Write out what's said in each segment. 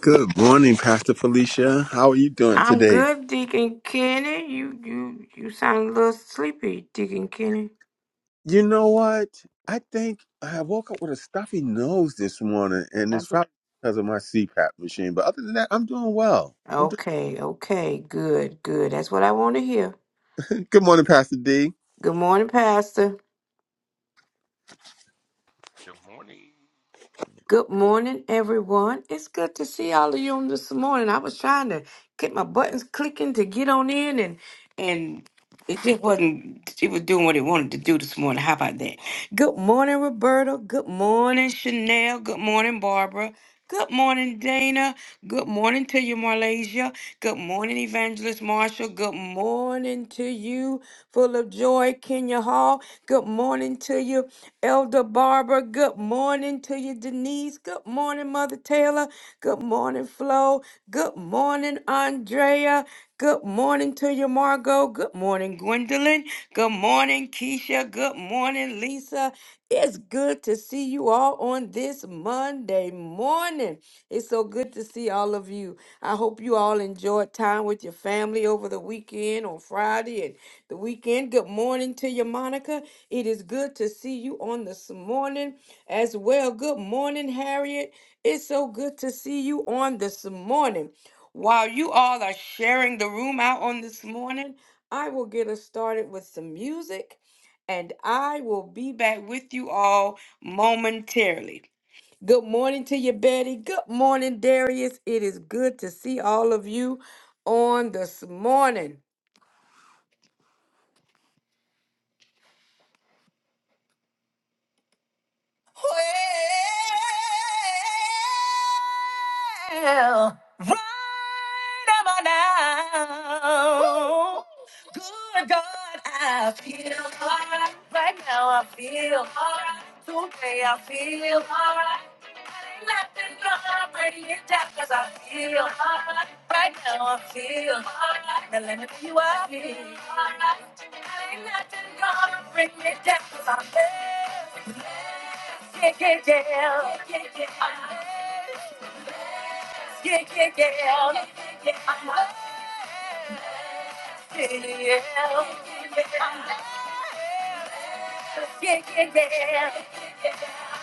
Good morning, Pastor Felicia. How are you doing I'm today? good, Deacon Kenny. You you you sound a little sleepy, Deacon Kenny. You know what? I think I woke up with a stuffy nose this morning, and it's That's probably because of my CPAP machine. But other than that, I'm doing well. I'm doing... Okay, okay, good, good. That's what I want to hear. Good morning, Pastor D. Good morning, Pastor. Good morning. Good morning, everyone. It's good to see all of you on this morning. I was trying to get my buttons clicking to get on in and and It just wasn't, it was doing what it wanted to do this morning. How about that? Good morning, Roberta. Good morning, Chanel. Good morning, Barbara. Good morning, Dana. Good morning to you, Marlasia. Good morning, Evangelist Marshall. Good morning to you, full of joy, Kenya Hall. Good morning to you, Elder Barbara. Good morning to you, Denise. Good morning, Mother Taylor. Good morning, Flo. Good morning, Andrea. Good morning to you, Margot. Good morning, Gwendolyn. Good morning, Keisha. Good morning, Lisa. It's good to see you all on this Monday morning. It's so good to see all of you. I hope you all enjoyed time with your family over the weekend on Friday and the weekend. Good morning to you, Monica. It is good to see you on this morning as well. Good morning, Harriet. It's so good to see you on this morning. While you all are sharing the room out on this morning, I will get us started with some music and I will be back with you all momentarily. Good morning to you, Betty. Good morning, Darius. It is good to see all of you on this morning. now. Right am I now? Good God, I feel alright. Right now, I feel alright. Today, I feel alright. I ain't nothing gonna bring it down 'cause I feel alright. Right now, I feel alright. Now, let me tell you, I feel alright. I ain't nothing gonna bring me down 'cause I'm blessed. Yeah, yeah, yeah. Yeah, yeah, yeah. Yeah, yeah, yeah, yeah, yeah, I'm happy, yeah, yeah, yeah, yeah.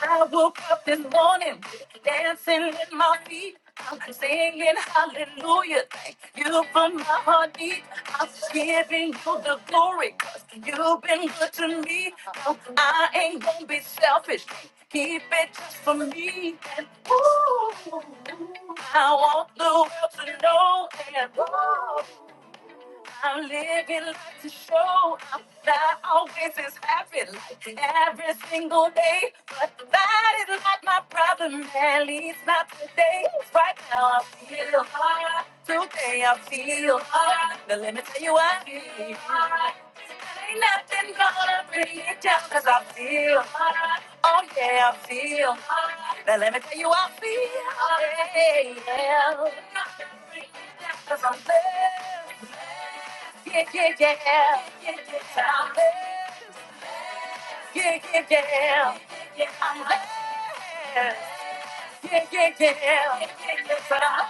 I woke up this morning, dancing with my feet. I'm singing hallelujah, thank you for my heartbeat. I'm giving you the glory, cause you've been good to me. No, I ain't gonna be selfish, keep it just for me. And ooh, I want the world to know. And ooh, I'm living life to show up. Not always is happy like every single day. But that is not my problem, at least not today. Right now I feel hard. Today I feel hard. But let me tell you I feel hard. Ain't nothing gonna bring it down 'cause I feel hard. Oh yeah, I feel hard. Now let me tell you I feel hard. Yeah, yeah. Cause I'm blessed. Yeah, yeah, yeah, yeah, yeah, I'm there. Yeah, yeah, yeah, yeah, I'm there. Yeah, yeah, yeah, yeah, yeah, but I'm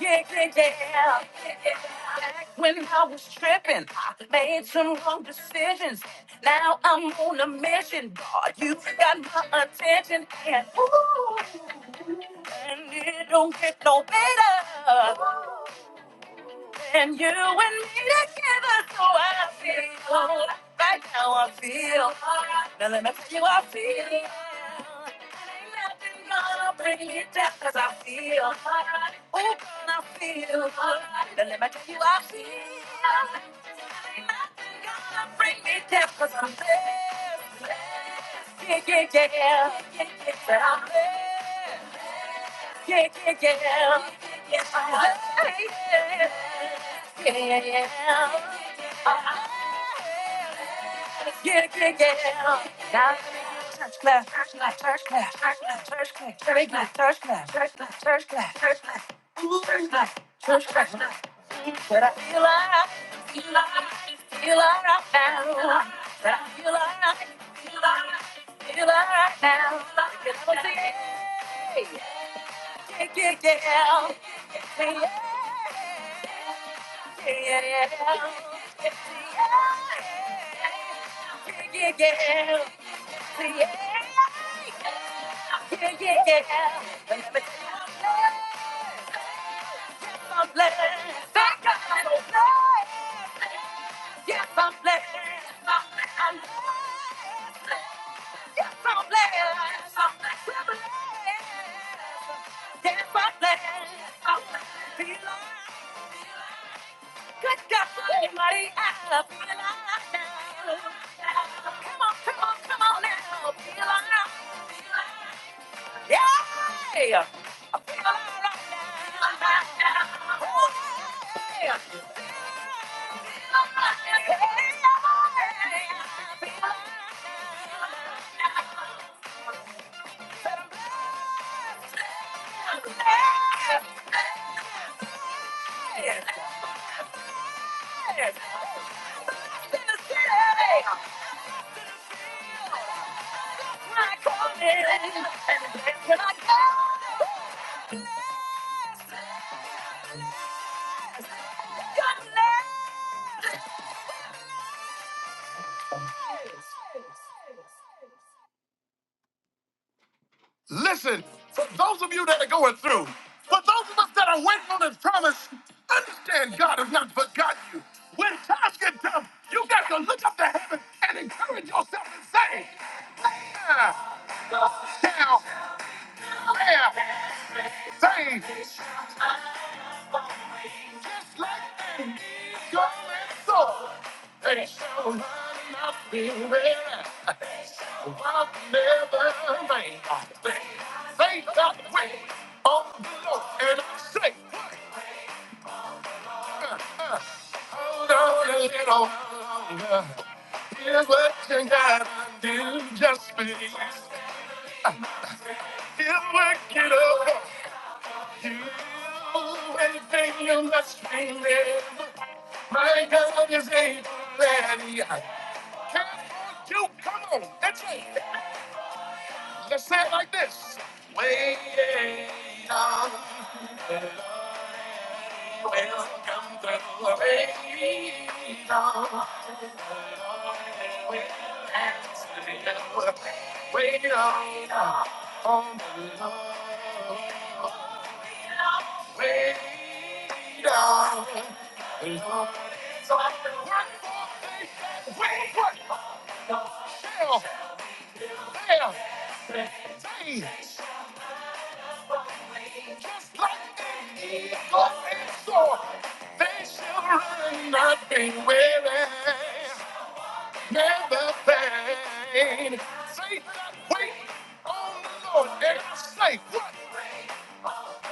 there. yeah, yeah, yeah. yeah, yeah. Back when I was tripping, I made some wrong decisions. Now I'm on a mission, God. You got my attention, and ooh, and it don't get no better. And you and me together, so I feel. alright. Right now I feel. alright. Now let me tell you I feel. And ain't nothing gonna bring me down 'cause I feel. alright. Oh, girl, I feel. alright. Now let me tell you I feel. alright. Ain't nothing gonna bring me down i I'm blessed. blessed. Yeah, yeah, yeah. Yeah, yeah, yeah. But I'm blessed yeah, yeah, yeah, yeah, yeah, yeah, yeah, yeah. Ah, yeah, yeah, yeah. Now let me do a church clap, church clap, church clap, church clap, church clap, church clap, church clap, church clap, church clap, church clap. Ooh, church clap, church clap. But I feel like, feel like, feel like right now. But I feel like, feel like, feel like right now. You know what I'm saying? Yeah, yeah, yeah, Yeah, yeah, yeah. yeah, Take it down. Yes, I'm blessed. I'm blessed. I'm blessed. Yes, I'm blessed. I'm blessed. Feel alive. Good God, somebody, I feel alive now. Come on, come on, come on now. Feel alive. Yeah. Feel alive. Oh, Yeah. Yeah. Feel alive. Yeah. Listen, for those of you that are going through, for those of us that are waiting on his promise, understand God has not forgotten you. When times get tough, you got to look up to heaven and encourage yourself and say, There shall there things Just like that eagle and soar, they shall mount up the river. They air. Walk never rain. They got way on the Lord, and I say, uh, uh, hold on a little longer. Here's what you gotta do, just believe. He'll work it over. You anything you must be live. My God is able, ready. Can you come on? That's it. Let's say it like this. Wait on the Lord and will come through. Wait on the Lord and will answer you. Wait on the Lord. Way down, Lord. So I can work for patience, wait for myself, their day. Just like an eagle is soar, they shall run, not be weary, never faint. Say that, wait on the Lord, and I say, what?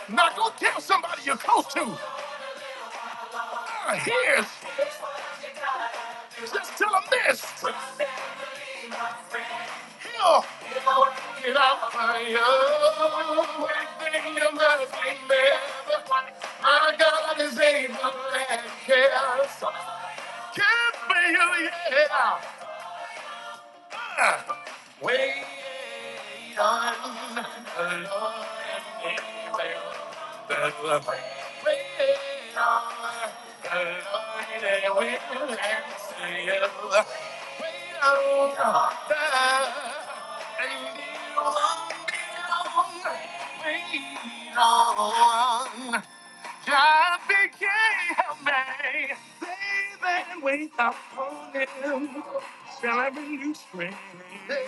Now go tell somebody you're close to. Uh, here's, just tell them this. I'm My God is able and cares. Can't feel, yeah. Wait on the Lord and He will. Wait on the Lord and He will answer you. Wait on the and He won't be long. Wait on Traffic can't help me, baby. Wake up on him, celebrate new spring. baby.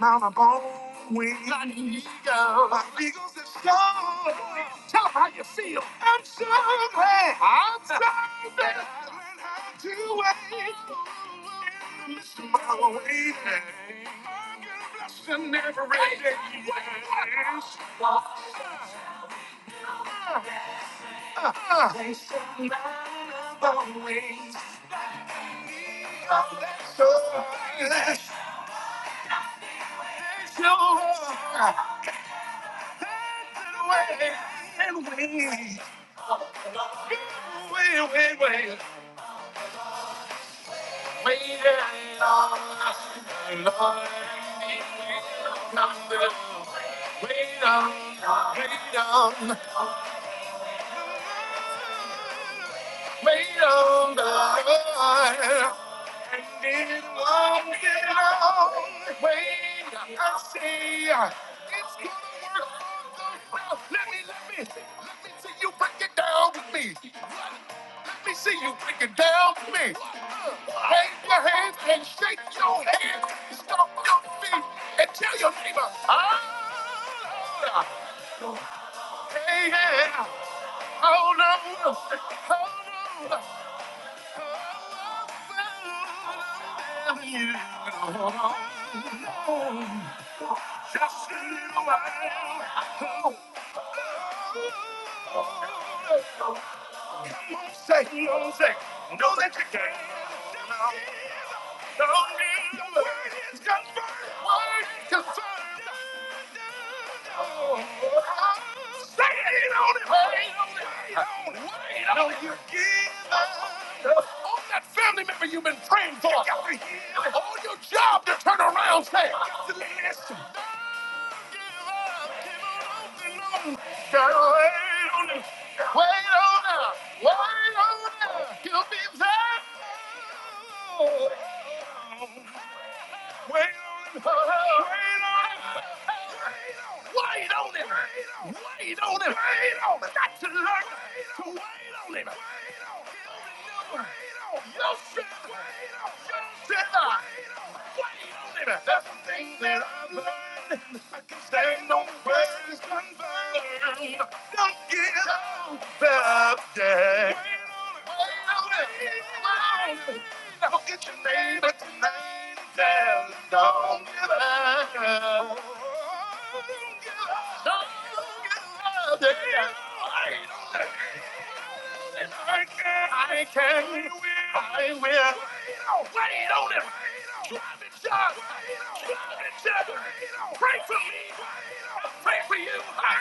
Mount a bone wing, an eagle, an eagle's a soar. Tell 'em how you feel. I'm sorry, I'm sorry. that I learned how to wait in the midst of my waiting. I'm gonna bless them every day. Yes. Uh, uh, uh. Wait on, wait on, wait on. Wait on the Lord, And it won't get long. Wait, I see. It's gonna work for the real. Let me, let me, let me see you break it down with me. Let me see you break it down with me. Wave your hands and shake your hands. Stomp your feet and tell your neighbor, oh, Lord. Hey, yeah. Hold on, hold on. Hold on, you. know, Just a little while. Oh, oh, oh, Come on, say, no, say, no, that you can't. No, no, no. Word is confirmed. Word is confirmed. Oh, say it on it. Wait on it. Wait on it. Wait on it. You give up. All that family member you've been praying for. You got to hear. it. All your job to turn around, say. You got to listen. Wait on him. Wait on him. Got to learn to wait on him. Wait Wait on it. Wait on it. it. Don't give up. I can, I will. Wait on him. Drive it, John. Drive it, John. Pray for me. I'll pray for you. I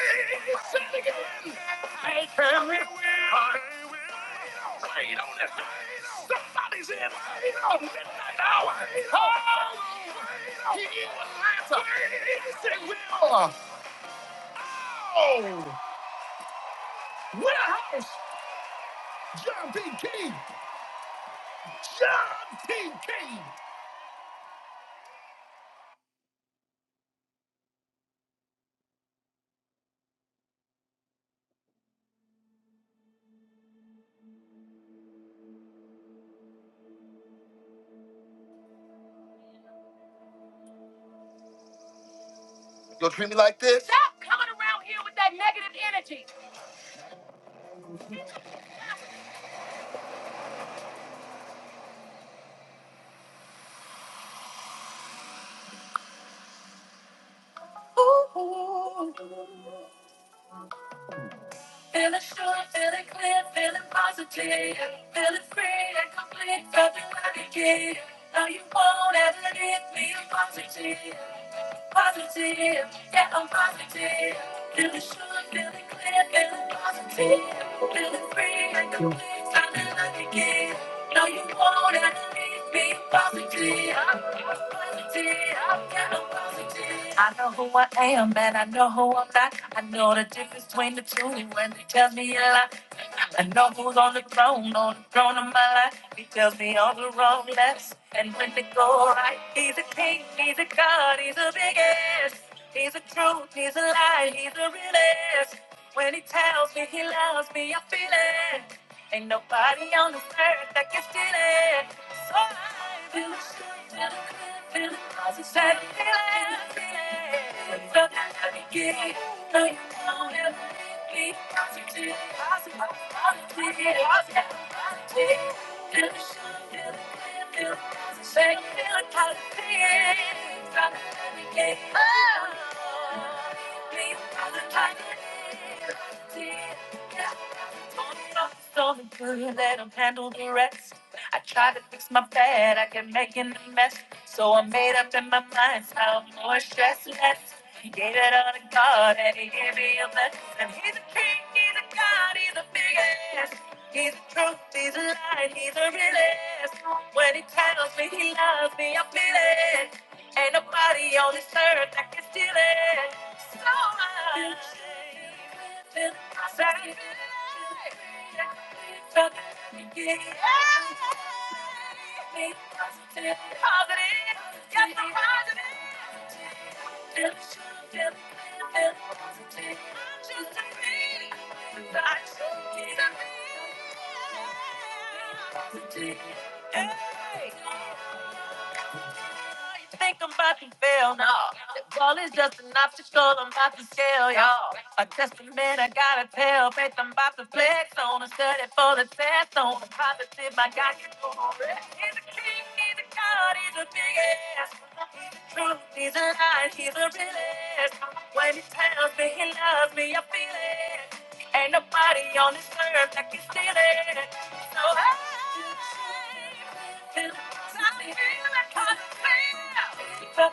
said it again. I can, I will. Wait on it. Somebody's in a midnight hour. Oh, he Atlanta. Yes, it will. Oh, warehouse. John P. King. John P. King. Stop coming around here with that negative energy. Ooh. Feeling sure, feeling clear, feeling positive. Feeling free and complete, felt like again. Now you won't ever leave me a positive. positive, yeah, I'm positive. Feeling sure, feeling clear, feeling positive. Feeling free, like the wind, sounding like a gift. No, you won't have to leave me positive. I'm positive, yeah, I'm positive. I know who I am and I know who I'm not. I know the difference between the two and when they tell me a lie. I know who's on the throne, on the throne of my life. He tells me all the wrong less. And when they go right, he's a king, he's a god, he's a big ass. He's a truth, he's a lie, he's a real ass. When he tells me he loves me, I feel it. Ain't nobody on this earth that can steal it. So I feel the shit, feel the good, feel the positive, feel it, feel it. Oh, Stolen girl, you let them handle the rest. I tried to fix my bad, I kept making a mess. So I made up in my mind, how more stress less. Gave it all to God, and He gave me a blessing. He's a king, He's a God. God, he's the biggest. He's the truth, he's the light, he's the realest. When he tells me he loves me, I feel it. Ain't nobody on this earth that can steal it. So much. Feel the same. Felt it again. Positive, positive, just the positive. I'm just a kid. I'm just a kid. Positive. Hey you think I'm about to fail? No. The ball is just an obstacle I'm about to scale, y'all. A testament I gotta tell. Faith I'm about to flex on. A study for the test on. A positive I got you on. He's a king, he's a god, he's a big ass. He's the truth, he's a lie, he's a real When he tells me he loves me, I feel it. Ain't nobody on this earth that can steal it. So I... feel the same. Feel the same. I can't positive.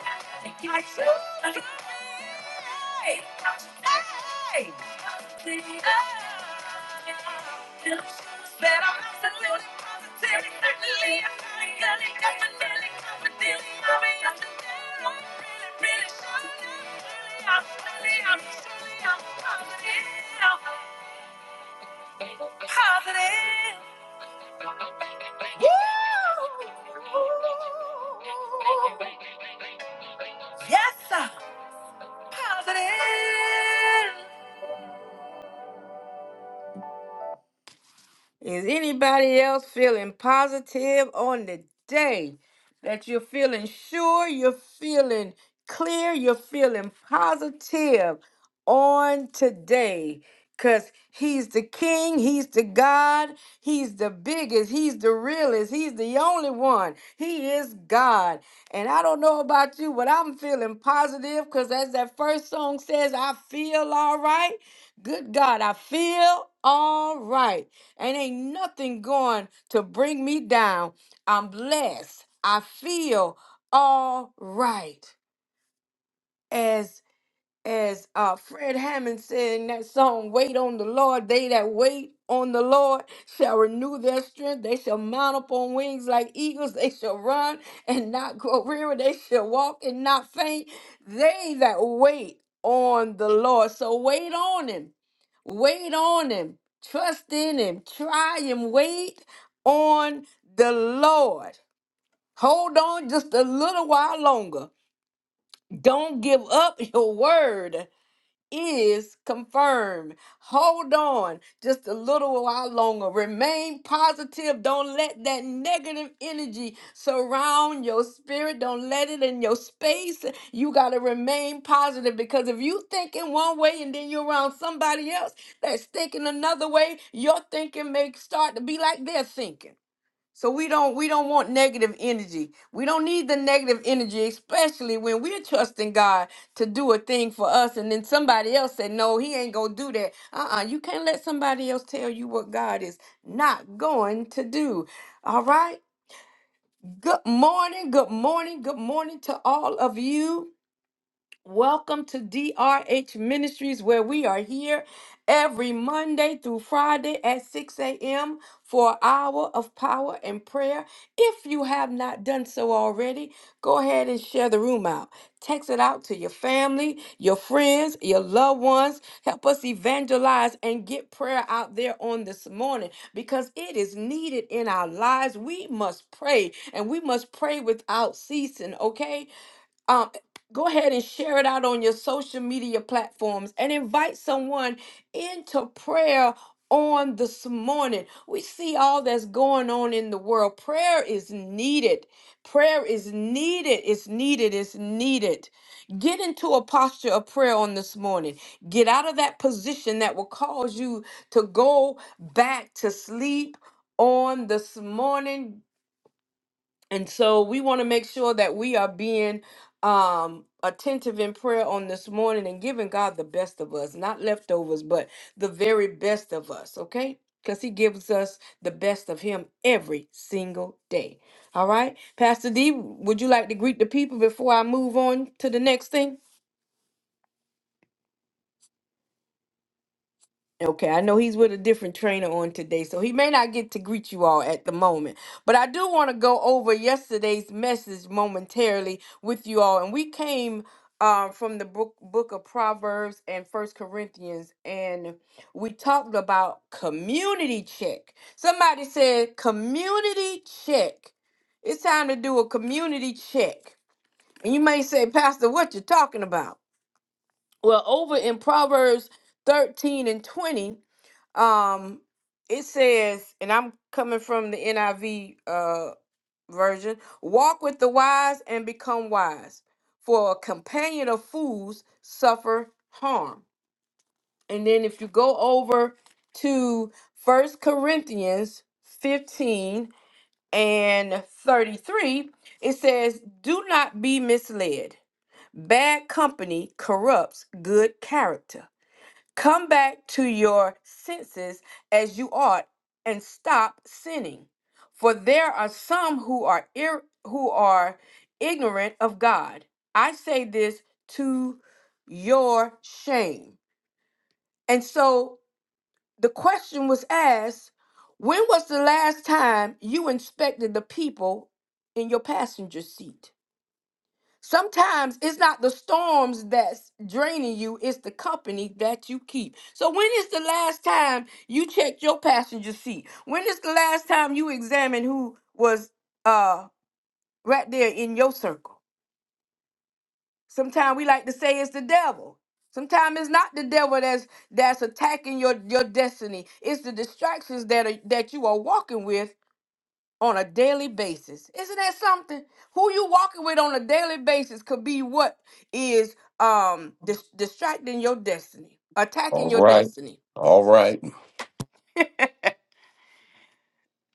Yes, sir. Positive. Is anybody else feeling positive on the day that you're feeling sure, you're feeling clear, you're feeling positive? on today because he's the king, he's the God, he's the biggest, he's the realest, he's the only one. He is God. And I don't know about you, but I'm feeling positive because as that first song says, I feel all right. Good God, I feel all right. And ain't nothing going to bring me down. I'm blessed. I feel all right. As as uh, Fred Hammond said in that song, Wait on the Lord, they that wait on the Lord shall renew their strength. They shall mount up on wings like eagles. They shall run and not grow weary. They shall walk and not faint. They that wait on the Lord. So wait on Him. Wait on Him. Trust in Him. Try Him. Wait on the Lord. Hold on just a little while longer. Don't give up your word is confirmed. Hold on just a little while longer. Remain positive. Don't let that negative energy surround your spirit. Don't let it in your space. You got to remain positive because if you think in one way and then you're around somebody else that's thinking another way, your thinking may start to be like their thinking. So we don't we don't want negative energy. We don't need the negative energy, especially when we're trusting God to do a thing for us, and then somebody else said, "No, He ain't gonna do that." Uh-uh. You can't let somebody else tell you what God is not going to do. All right. Good morning. Good morning. Good morning to all of you. Welcome to DRH Ministries, where we are here every Monday through Friday at 6 a.m. for an hour of power and prayer. If you have not done so already, go ahead and share the room out. Text it out to your family, your friends, your loved ones. Help us evangelize and get prayer out there on this morning because it is needed in our lives. We must pray and we must pray without ceasing, okay? um, go ahead and share it out on your social media platforms and invite someone into prayer on this morning. We see all that's going on in the world. Prayer is needed. Prayer is needed. It's needed. It's needed. Get into a posture of prayer on this morning. Get out of that position that will cause you to go back to sleep on this morning. And so we want to make sure that we are being um attentive in prayer on this morning and giving God the best of us, not leftovers, but the very best of us, okay? Because he gives us the best of him every single day. All right. Pastor D, would you like to greet the people before I move on to the next thing? Okay, I know he's with a different trainer on today, so he may not get to greet you all at the moment. But I do want to go over yesterday's message momentarily with you all. And we came uh, from the book, book of Proverbs and First Corinthians, and we talked about community check. Somebody said, community check. It's time to do a community check. And you may say, Pastor, what you talking about? Well, over in Proverbs 13 and 20 um, it says, and I'm coming from the NIV uh version, walk with the wise and become wise, for a companion of fools suffer harm. And then if you go over to First Corinthians 15 and 33, it says, Do not be misled. Bad company corrupts good character. Come back to your senses as you ought and stop sinning. For there are some who are ir- who are ignorant of God. I say this to your shame. And so the question was asked, when was the last time you inspected the people in your passenger seat? Sometimes it's not the storms that's draining you, it's the company that you keep. So, when is the last time you checked your passenger seat? When is the last time you examined who was uh, right there in your circle? Sometimes we like to say it's the devil. Sometimes it's not the devil that's that's attacking your, your destiny. It's the distractions that are, that you are walking with on a daily basis. Isn't that something? Who you walking with on a daily basis could be what is um dis- distracting your destiny, All attacking your right. destiny. All right.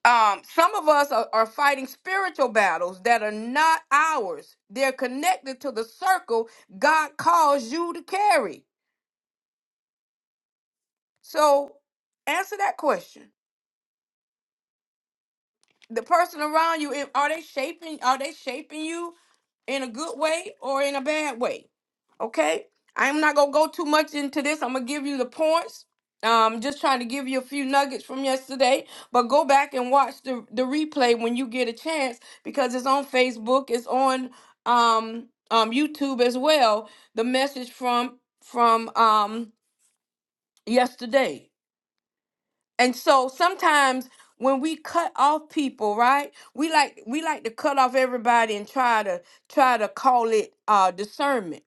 Um, some of us are, are fighting spiritual battles that are not ours. They're connected to the circle God calls you to carry. So answer that question. The person around you, if- are they shaping? Are they shaping you? in a good way or in a bad way. Okay? I'm not gonna go too much into this. I'm gonna give you the points. Um, just trying to give you a few nuggets from yesterday, but go back and watch the, the replay when you get a chance because it's on Facebook, it's on um, um, YouTube as well. The message from from um, yesterday. And so sometimes when we cut off people, right? We like we like to cut off everybody and try to try to call it uh discernment.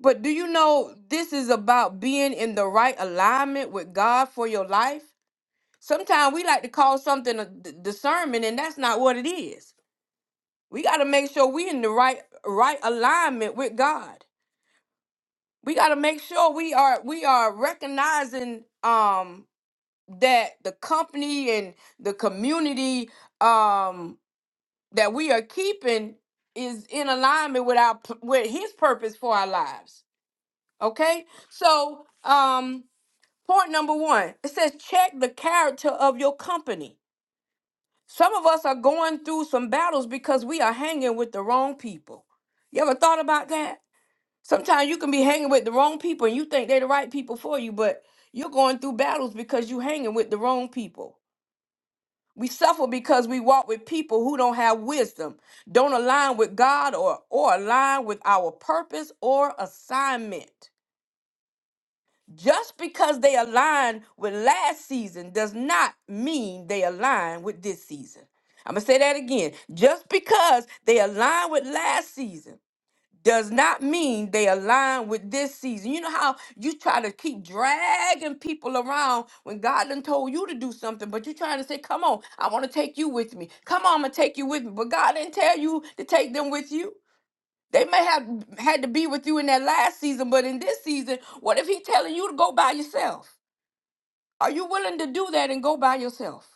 But do you know this is about being in the right alignment with God for your life? Sometimes we like to call something a d- discernment and that's not what it is. We got to make sure we in the right right alignment with God. We got to make sure we are we are recognizing um that the company and the community um that we are keeping is in alignment with our p- with his purpose for our lives okay so um point number one it says check the character of your company some of us are going through some battles because we are hanging with the wrong people you ever thought about that sometimes you can be hanging with the wrong people and you think they're the right people for you but you're going through battles because you're hanging with the wrong people We suffer because we walk with people who don't have wisdom, don't align with God or, or align with our purpose or assignment. Just because they align with last season does not mean they align with this season. I'm going to say that again. Just because they align with last season does not mean they align with this season. You know how you try to keep dragging people around when God done told you to do something, but you trying to say, Come on, I want to take you with me. Come on, I'm gonna take you with me. But God didn't tell you to take them with you. They may have had to be with you in that last season, but in this season, what if He telling you to go by yourself? Are you willing to do that and go by yourself?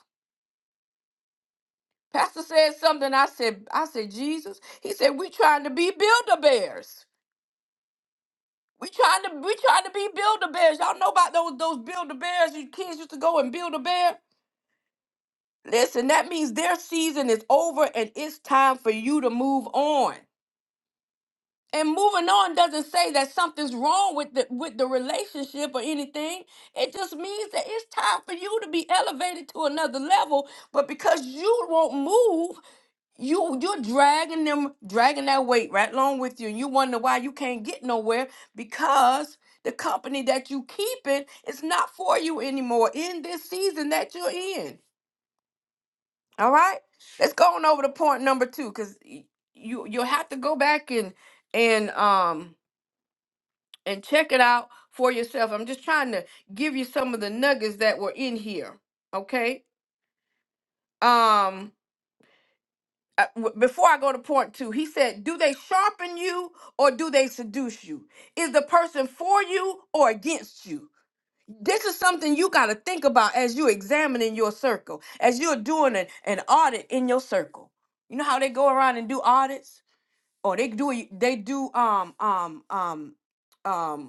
Pastor said something. I said, I said, Jesus. He said, we trying to be builder bears. We trying to we trying to be builder bears. Y'all know about those those builder bears. You kids used to go and build a bear. Listen, that means their season is over and it's time for you to move on. And moving on doesn't say that something's wrong with the with the relationship or anything. It just means that it's time for you to be elevated to another level. But because you won't move, you you're dragging them dragging that weight right along with you and you wonder why you can't get nowhere because the company that you keeping is not for you anymore in this season that you're in all right let's go on over to point number two because you you'll have to go back and and um and check it out for yourself i'm just trying to give you some of the nuggets that were in here okay um uh, w- before I go to point two, he said, Do they sharpen you or do they seduce you? Is the person for you or against you? This is something you got to think about as you're examining your circle, as you're doing an, an audit in your circle. You know how they go around and do audits? Or they do they do um um um um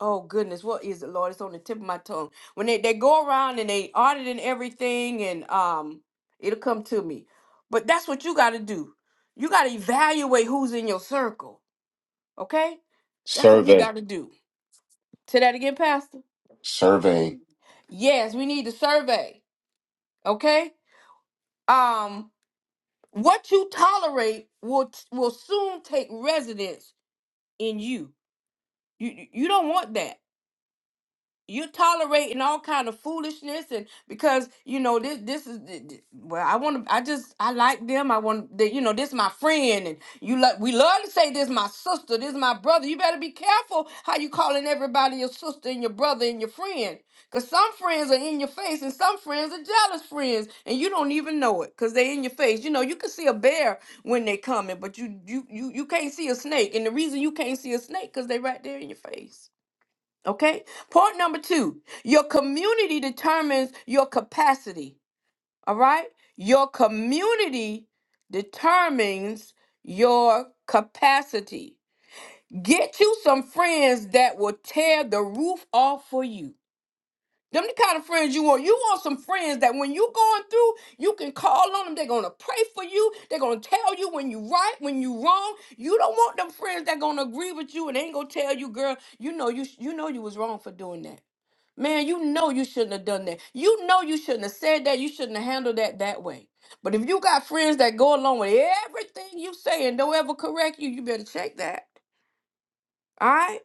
Oh goodness, what is it, Lord? It's on the tip of my tongue. When they, they go around and they auditing everything and um it'll come to me. But that's what you gotta do. You gotta evaluate who's in your circle. Okay? That's what we Survey. gotta do. Say that again, Pastor. Survey. Yes, we need to survey. Okay? Um what you tolerate will will soon take residence in you. You you you don't want that. you're tolerating all kind of foolishness and because you know this this is th- th- well i want to i just i like them i want that you know this my friend and you like we love to say this my sister this my brother you better be careful how you calling everybody your sister and your brother and your friend because some friends are in your face and some friends are jealous friends and you don't even know it because they're in your face you know you can see a bear when they coming but you you you, you can't see a snake and the reason you can't see a snake because they right there in your face Okay. Point number two your community determines your capacity. All right. Your community determines your capacity. Get you some friends that will tear the roof off for you. Them the kind of friends you want. You want some friends that when you going through, you can call on them. They're gonna pray for you. They're gonna tell you when you right, when you wrong. You don't want them friends that gonna agree with you and ain't gonna tell you, girl. You know you you know you was wrong for doing that. Man, you know you shouldn't have done that. You know you shouldn't have said that. You shouldn't have handled that that way. But if you got friends that go along with everything you say and don't ever correct you, you better check that. All right?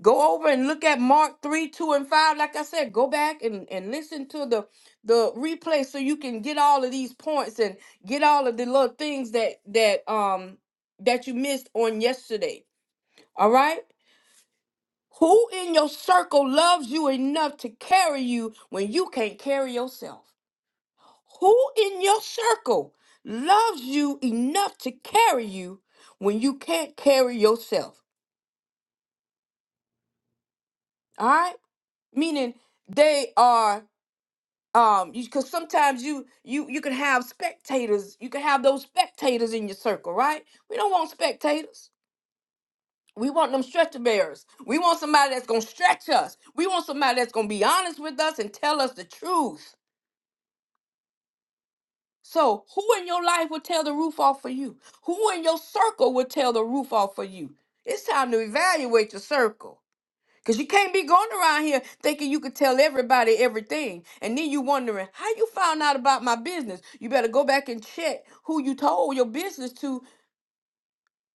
Go over and look at Mark 3, 2, and 5. Like I said, go back and, and listen to the, the replay so you can get all of these points and get all of the little things that that um that you missed on yesterday. All right? Who in your circle loves you enough to carry you when you can't carry yourself? Who in your circle loves you enough to carry you when you can't carry yourself? All right? Meaning they are um because sometimes you you you can have spectators you can have those spectators in your circle right we don't want spectators we want them stretcher bearers we want somebody that's gonna stretch us we want somebody that's gonna be honest with us and tell us the truth So, who in your life would tear the roof off for you? Who in your circle would tear the roof off for you? It's time to evaluate your circle. Because you can't be going around here thinking you could tell everybody everything. And then you wondering, how you found out about my business? You better go back and check who you told your business to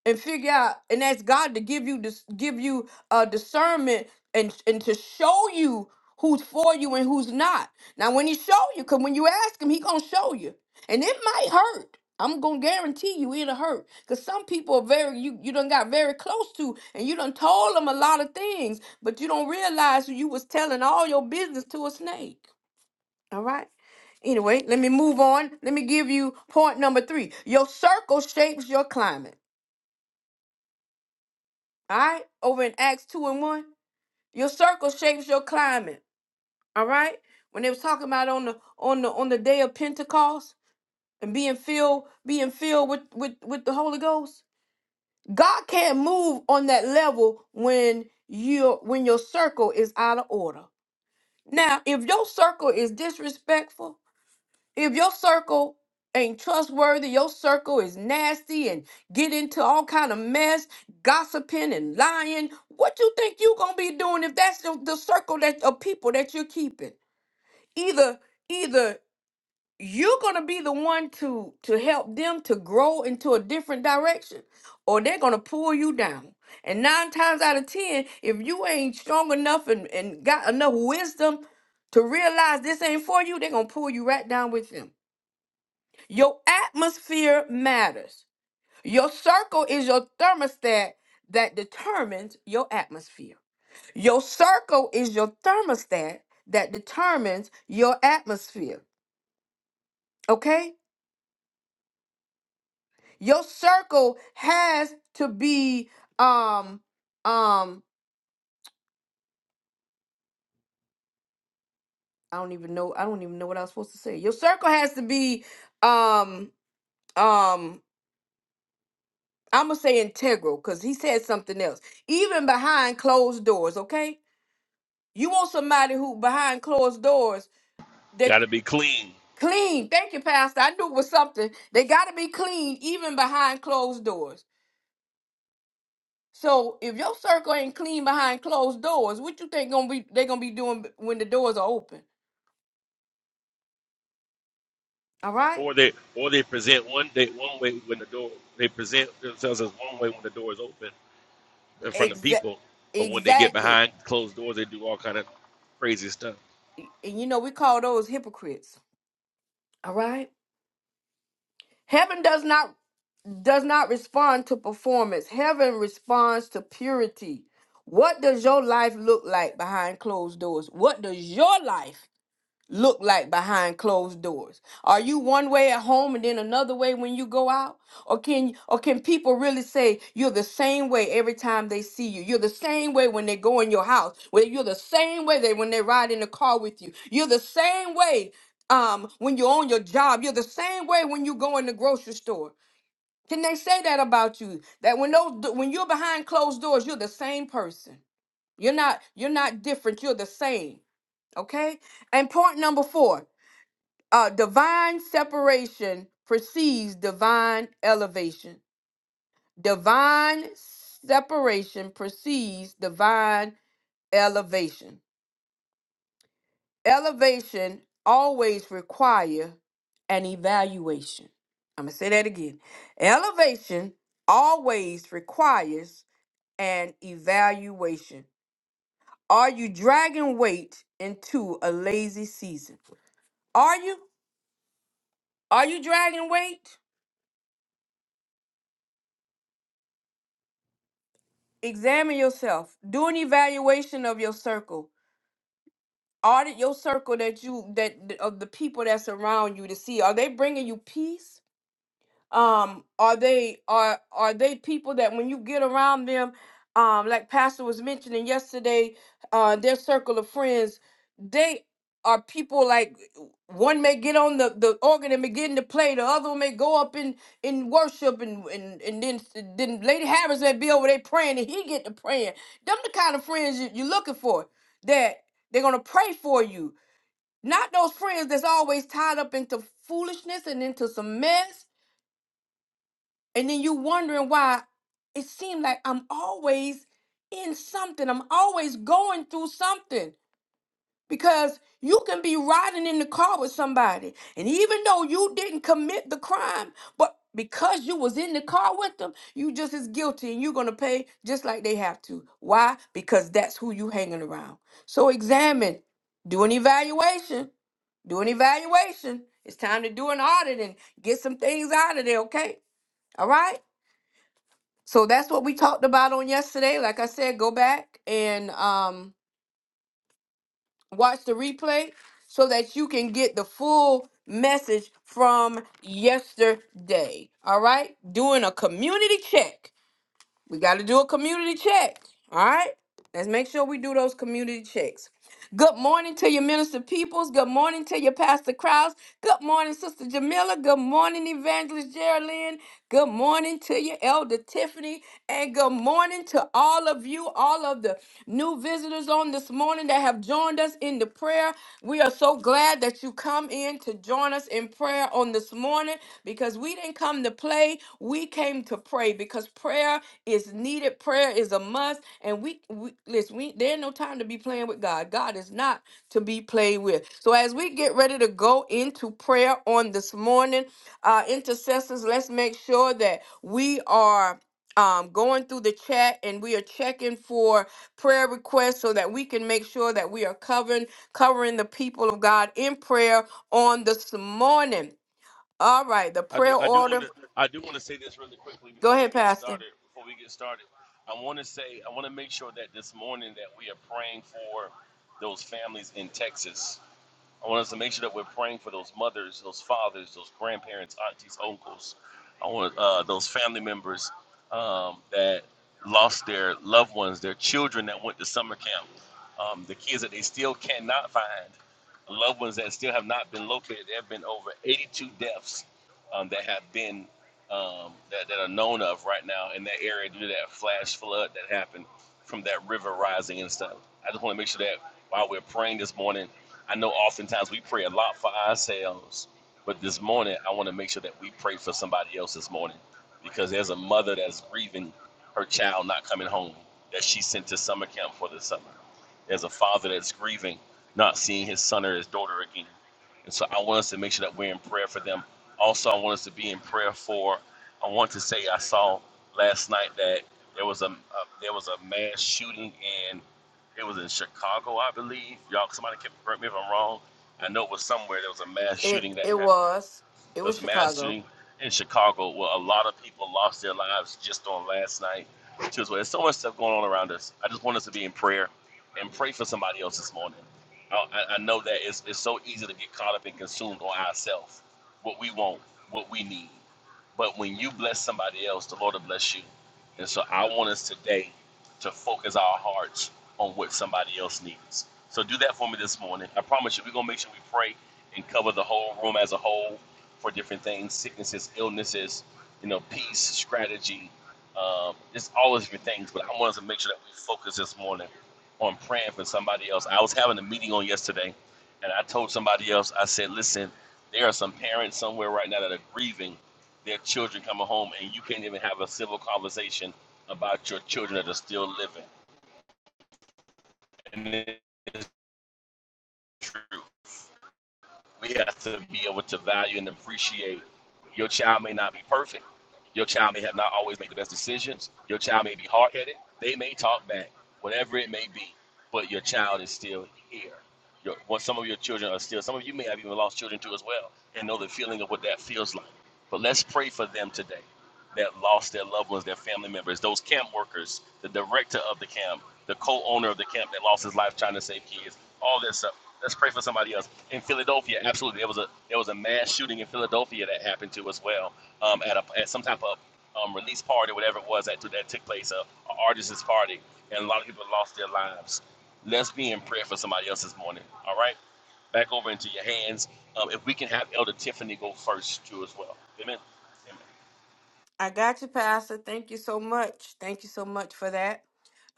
and figure out and ask God to give you this give you uh discernment and and to show you who's for you and who's not. Now when he show you, cause when you ask him, he gonna show you. And it might hurt. I'm gonna guarantee you it'll hurt. Cause some people are very you you done got very close to and you done told them a lot of things, but you don't realize you was telling all your business to a snake. All right. Anyway, let me move on. Let me give you point number three. Your circle shapes your climate. All right, over in Acts two and one, your circle shapes your climate. All right, when they was talking about on the on the on the day of Pentecost and being filled being filled with with with the Holy Ghost, God can't move on that level when you when your circle is out of order. Now, if your circle is disrespectful, if your circle ain't trustworthy your circle is nasty and get into all kind of mess gossiping and lying what you think you gonna be doing if that's the, the circle that of people that you're keeping either either you're gonna be the one to to help them to grow into a different direction or they're gonna pull you down and nine times out of ten if you ain't strong enough and, and got enough wisdom to realize this ain't for you they're gonna pull you right down with them your atmosphere matters. Your circle is your thermostat that determines your atmosphere. Your circle is your thermostat that determines your atmosphere. Okay? Your circle has to be um um I don't even know I don't even know what I was supposed to say. Your circle has to be um um I'm gonna say integral because he said something else. Even behind closed doors, okay? You want somebody who behind closed doors, they're Got to be clean, clean. Thank you, Pastor. I knew it was something. They gotta be clean even behind closed doors. So if your circle ain't clean behind closed doors, what you think gonna be they gonna be doing when the doors are open? All right? or they or they present one day one way when the door they present themselves as one way when the door is open in front of Exactly. people, but when they get Exactly. behind closed doors, they do all kind of crazy stuff. And you know, we call those hypocrites. All right? Heaven does not does not respond to performance. Heaven responds to purity. What does your life look like behind closed doors? What does your life look like behind closed doors? Are you one way at home and then another way when you go out? Or can or can people really say you're the same way every time they see you? You're the same way when they go in your house. Well, you're the same way they when they ride in the car with you. You're the same way um, when you're on your job. You're the same way when you go in the grocery store. Can they say that about you? That when those when you're behind closed doors, you're the same person. You're not you're not different. You're the same. Okay. And point number four: uh, divine separation precedes divine elevation. Divine separation precedes divine elevation. Elevation always require an evaluation. I'm gonna say that again. Elevation always requires and evaluation. Are you dragging weight into a lazy season? Are you? Are you dragging weight? Examine yourself. Do an evaluation of your circle. Audit your circle that you that of the people that surround you to see are they bringing you peace? um are they are are they people that when you get around them um like pastor was mentioning yesterday uh their circle of friends they are people like one may get on the, the organ and begin to play the other one may go up in in worship and and, and then then lady harris may be over there praying and he get to praying them the kind of friends you, you're looking for that they're gonna pray for you not those friends that's always tied up into foolishness and into some mess and then you wondering why it seemed like I'm always in something. I'm always going through something because you can be riding in the car with somebody, and even though you didn't commit the crime, but because you was in the car with them, you just as guilty, and you're gonna pay just like they have to. Why? Because that's who you hanging around. So examine, do an evaluation, do an evaluation. It's time to do an audit and get some things out of there. Okay, all right. So that's what we talked about on yesterday. Like I said, go back and um, watch the replay so that you can get the full message from yesterday. All right? Doing a community check. We got to do a community check. All right. Let's make sure we do those community checks. Good morning to your minister peoples. Good morning to your pastor Krause. Good morning, Sister Jamila. Good morning, Evangelist Geraldine. Good morning to your elder Tiffany. And good morning to all of you, all of the new visitors on this morning that have joined us in the prayer. We are so glad that you you come in to join us in prayer on this morning because we didn't come to play. We came to pray because prayer is needed. Prayer is a must. And we, we listen, we, there ain't no time to be playing with God. God is not to be played with. So as we get ready to go into prayer on this morning, uh, intercessors, let's make sure that we are um, going through the chat and we are checking for prayer requests so that we can make sure that we are covering covering the people of God in prayer on this morning. All right, the I do prayer I do want order. to I do want to say this really quickly Go before we ahead, get Pastor. started. Before we get started, I want to say I want to make sure that this morning that we are praying for those families in Texas I want us to make sure that we're praying for those mothers, those fathers, those grandparents, aunties, uncles. I want uh, those family members um, that lost their loved ones, their children that went to summer camp, um, the kids that they still cannot find, loved ones that still have not been located. There have been over 82 deaths um, that have been um, that, that are known of right now in that area due to that flash flood that happened from that river rising and stuff. I just want to make sure that while we're praying this morning I know oftentimes we pray a lot for ourselves, but this morning I want to make sure that we pray for somebody else this morning because there's a mother that's grieving her child not coming home that she sent to summer camp for the summer. There's a father that's grieving not seeing his son or his daughter again. And so I want us to make sure that we're in prayer for them. Also, I want us to be in prayer for, I want to say, I saw last night that there was a, a there was a mass shooting in. It was in Chicago, I believe. Y'all, somebody can correct me if I'm wrong. I know it was somewhere. There was a mass It shooting that it happened. was it There was was a mass Chicago. shooting in Chicago where a lot of people lost their lives just on last night. Too, as well. There's so much stuff going on around us. I just want us to be in prayer and pray for somebody else this morning. I, I I know that it's, it's so easy to get caught up and consumed on ourselves, what we want, what we need. But when you bless somebody else, the Lord will bless you. And so I want us today to focus our hearts on what somebody else needs. So do that for me this morning. I promise you, we're going to make sure we pray and cover the whole room as a whole for different things, sicknesses, illnesses, you know, peace, strategy. Um, it's all of different things, but I wanted to make sure that we focus this morning on praying for somebody else. I was having a meeting on yesterday, and I told somebody else, I said, listen, there are some parents somewhere right now that are grieving their children coming home, and you can't even have a civil conversation about your children that are still living. And it's true. We have to be able to value and appreciate your child may not be perfect. Your child may have not always made the best decisions. Your child may be hard headed. They may talk back, whatever it may be. But your child is still here. Your, well, some of your children are still, some of you may have even lost children too as well, and know the feeling of what that feels like. But let's pray for them today that lost their loved ones, their family members, those camp workers, the director of the camp, the co owner of the camp that lost his life trying to save kids, all this stuff. Let's pray for somebody else in Philadelphia. Absolutely, there was a there was a mass shooting in Philadelphia that happened to as well um, at a at some type of um, release party, whatever it was that that took place, a, artist's party, and a lot of people lost their lives. Let's be in prayer for somebody else this morning. All right, back over into your hands. Um, if we can have Elder Tiffany go first too as well. Amen. Amen. I got you, Pastor. Thank you so much. Thank you so much for that.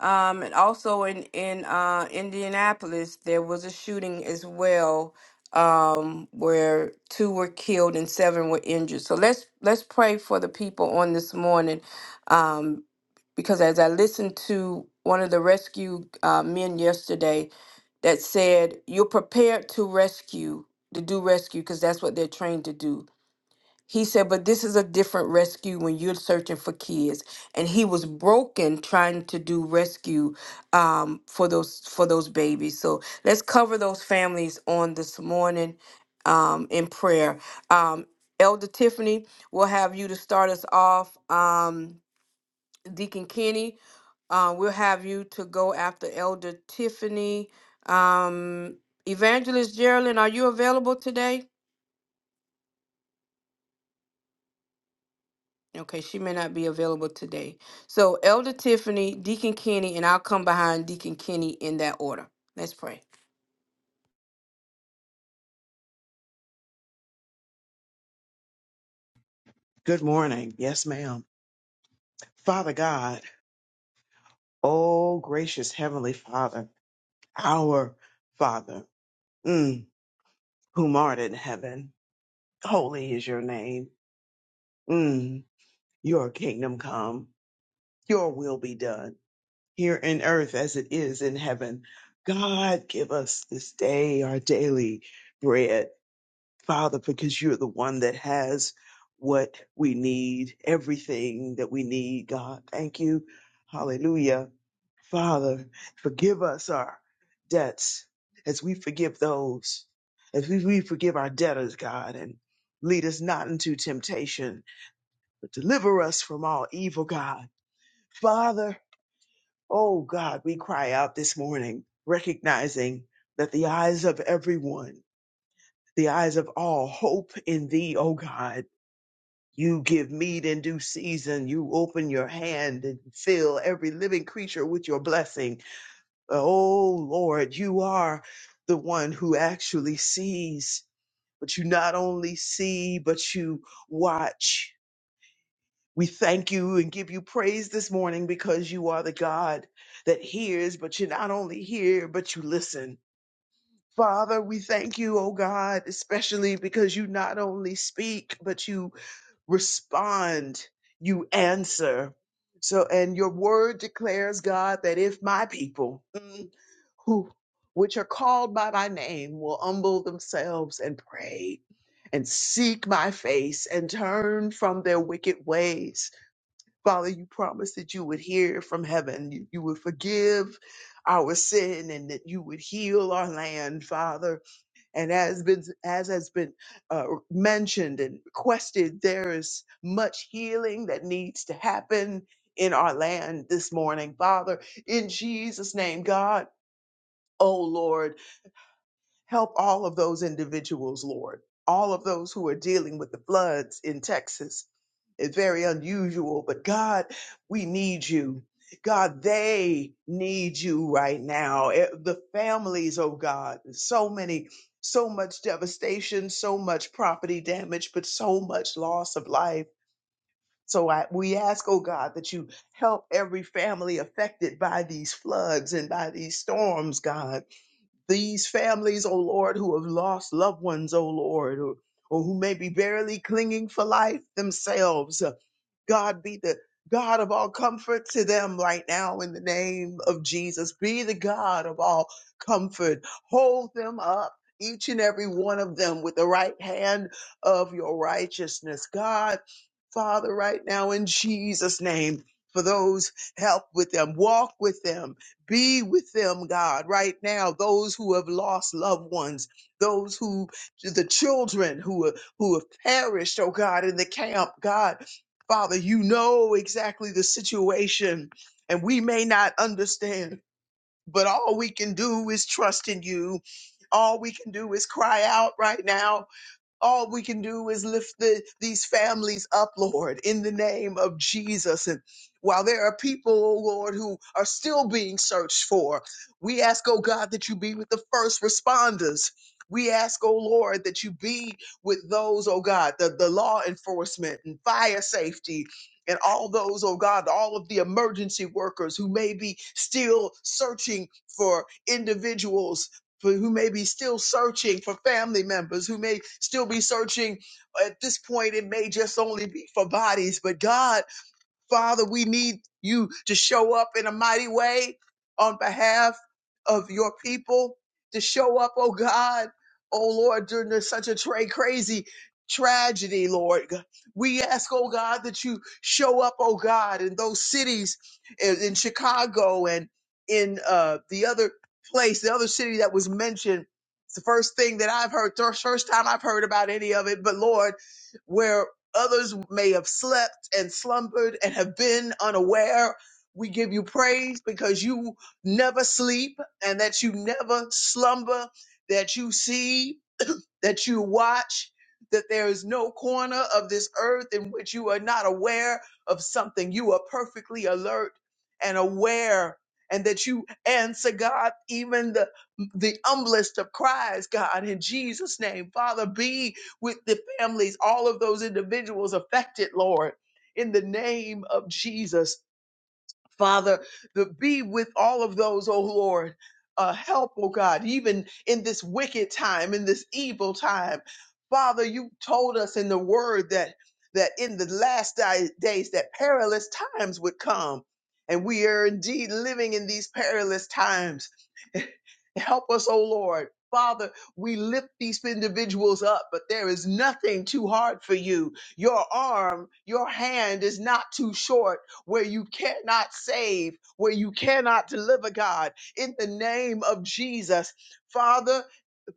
Um, and also in in uh, Indianapolis, there was a shooting as well, um, where two were killed and seven were injured. So let's let's pray for the people on this morning, um, because as I listened to one of the rescue uh, men yesterday, that said, "You're prepared to rescue, to do rescue, because that's what they're trained to do." He said, but this is a different rescue when you're searching for kids. And he was broken trying to do rescue um, for those for those babies. So let's cover those families on this morning um, in prayer. Um, Elder Tiffany, we'll have you to start us off. Um, Deacon Kenny, uh, we'll have you to go after Elder Tiffany. Um, Evangelist Geraldine, are you available today? Okay, she may not be available today. So Elder Tiffany, Deacon Kenny, and I'll come behind Deacon Kenny in that order. Let's pray. Good morning. Yes, ma'am. Father God, oh gracious Heavenly Father, our Father, mm, whom art in heaven, holy is your name. Mm, your kingdom come, your will be done here in earth as it is in heaven. God, give us this day our daily bread. Father, because you're the one that has what we need, everything that we need, God. Thank you. Hallelujah. Father, forgive us our debts as we forgive those, as we, we forgive our debtors, God, and lead us not into temptation, but deliver us from all evil, God. Father, oh God, we cry out this morning, recognizing that the eyes of everyone, the eyes of all hope in thee, oh God. You give meat in due season. You open your hand and fill every living creature with your blessing. Oh Lord, you are the one who actually sees, but you not only see, but you watch. We thank you and give you praise this morning because you are the God that hears, but you not only hear, but you listen. Father, we thank you, oh God, especially because you not only speak, but you respond, you answer. So, and your word declares, God, that if my people mm, who, which are called by my name, will humble themselves and pray and seek my face and turn from their wicked ways, Father, you promised that you would hear from heaven, you, you would forgive our sin, and that you would heal our land, Father. And as been as has been uh, mentioned and requested, there is much healing that needs to happen in our land this morning, Father. In Jesus' name, God. Oh Lord. Help all of those individuals, Lord, all of those who are dealing with the floods in Texas. It's very unusual, but God, we need you. God, they need you right now. Eh, The families, oh God, so many, so much devastation, so much property damage, but so much loss of life. So I, we ask, oh God, that you help every family affected by these floods and by these storms, God these families, oh Lord, who have lost loved ones, oh Lord, or, or who may be barely clinging for life themselves. uh, God be the God of all comfort to them right now in the name of Jesus. Be the God of all comfort. Hold them up. Each and every one of them with the right hand of your righteousness. God, Father, right now in Jesus' name, for those help with them, walk with them, be with them, God, right now. Those who have lost loved ones, those who, the children who are- who have perished, oh God, in the camp, God, Father, you know exactly the situation, and we may not understand, but all we can do is trust in you. All we can do is cry out right now all we can do is lift the, these families up, Lord, in the name of Jesus. And while there are people, oh Lord, who are still being searched for, we ask, oh God, that you be with the first responders. We ask, oh Lord, that you be with those, oh God, the, the law enforcement and fire safety and all those, oh God, all of the emergency workers who may be still searching for individuals for who may be still searching for family members, who may still be searching at this point, it may just only be for bodies, but God. Father, we need you to show up in a mighty way on behalf of your people, to show up, oh God, oh Lord, during this such a tra- crazy tragedy, Lord. We ask, oh God, that you show up, oh God, in those cities in, in Chicago and in uh, the other place, the other city that was mentioned. It's the first thing that I've heard, first time I've heard about any of it, but Lord, where. Others may have slept and slumbered and have been unaware. We give you praise because you never sleep and that you never slumber, that you see that you watch, that there is no corner of this earth in which you are not aware of something. You are perfectly alert and aware, and that you answer God even the, the humblest of cries, God, in Jesus' name. Father, be with the families, all of those individuals affected, Lord, in the name of Jesus. Father, the be with all of those, oh Lord. Uh, help, oh God, even in this wicked time, in this evil time. Father, you told us in the word that that in the last di- days that perilous times would come. And we are indeed living in these perilous times. Help us, oh Lord. Father, we lift these individuals up, but there is nothing too hard for you. Your arm, your hand is not too short where you cannot save, where you cannot deliver, God, in the name of Jesus. Father,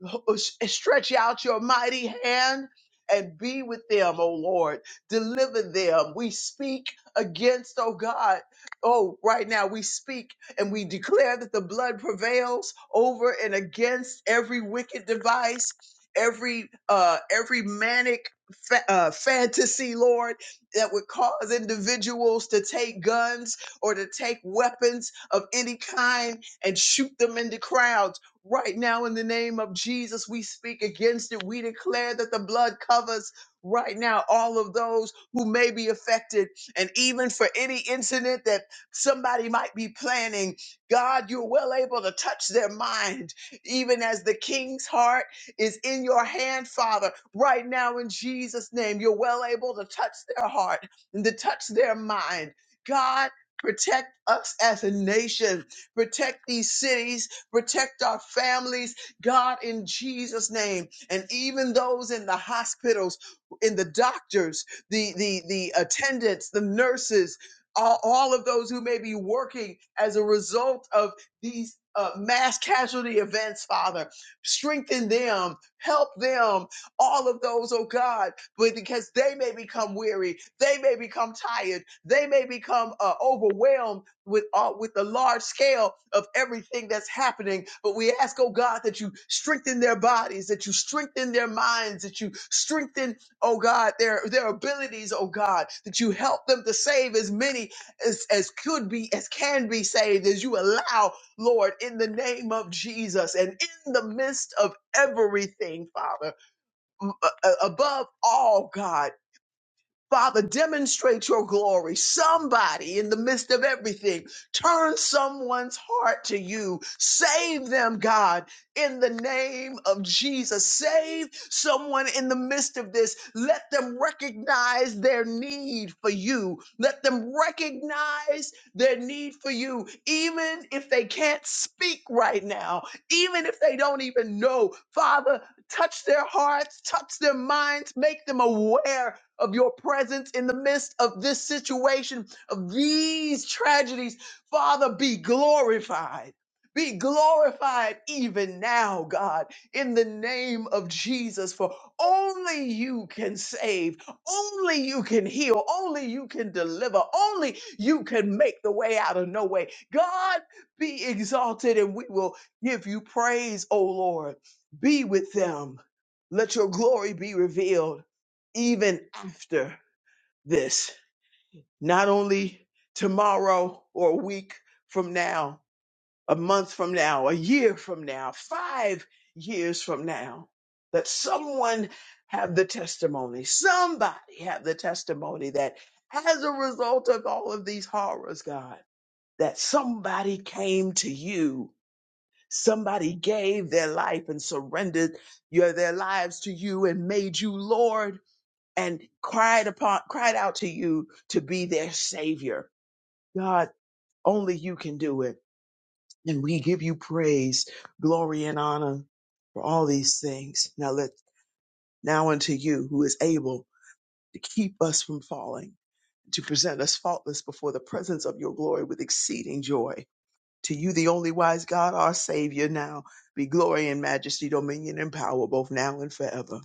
uh, stretch out your mighty hand and be with them, oh Lord. Deliver them. We speak against, oh God. Oh, right now we speak and we declare that the blood prevails over and against every wicked device, every uh every manic fa- uh, fantasy, Lord, that would cause individuals to take guns or to take weapons of any kind and shoot them in the crowd Right now, in the name of Jesus, we speak against it. We declare that the blood covers right now all of those who may be affected. And even for any incident that somebody might be planning, God, you're well able to touch their mind. Even as the king's heart is in your hand, Father, right now in Jesus' name, you're well able to touch their heart and to touch their mind. God, protect us as a nation, protect these cities protect our families, God, in Jesus' name. And even those in the hospitals, in the doctors, the, the, the attendants, the nurses, all, all of those who may be working as a result of these uh, mass casualty events, Father, strengthen them, help them, all of those, oh God, but because they may become weary, they may become tired, they may become uh, overwhelmed with all with the large scale of everything that's happening but we ask oh god that you strengthen their bodies that you strengthen their minds that you strengthen oh god their their abilities oh god that you help them to save as many as as could be as can be saved as you allow lord in the name of jesus and in the midst of everything father m- a- a- above all god Father, demonstrate your glory. Somebody in the midst of everything, turn someone's heart to you. Save them, God, in the name of Jesus. Save someone in the midst of this. Let them recognize their need for you. Let them recognize their need for you, even if they can't speak right now, even if they don't even know. Father, touch their hearts, touch their minds, make them aware of your presence in the midst of this situation, of these tragedies. Father, be glorified. Be glorified even now, God, in the name of Jesus, for only you can save, only you can heal, only you can deliver, only you can make the way out of no way. God, be exalted, and we will give you praise, O Lord. Be with them. Let your glory be revealed even after this, not only tomorrow or a week from now, a month from now, a year from now, five years from now, that someone have the testimony, somebody have the testimony that as a result of all of these horrors, God, that somebody came to you, somebody gave their life and surrendered your, their lives to you and made you Lord and cried upon cried out to you to be their savior. God, only you can do it. And we give you praise, glory, and honor for all these things. Now let now unto you who is able to keep us from falling, to present us faultless before the presence of your glory with exceeding joy. To you, the only wise God, our Savior, now be glory and majesty, dominion and power, both now and forever.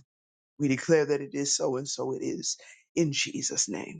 We declare that it is so, and so it is. In Jesus' name.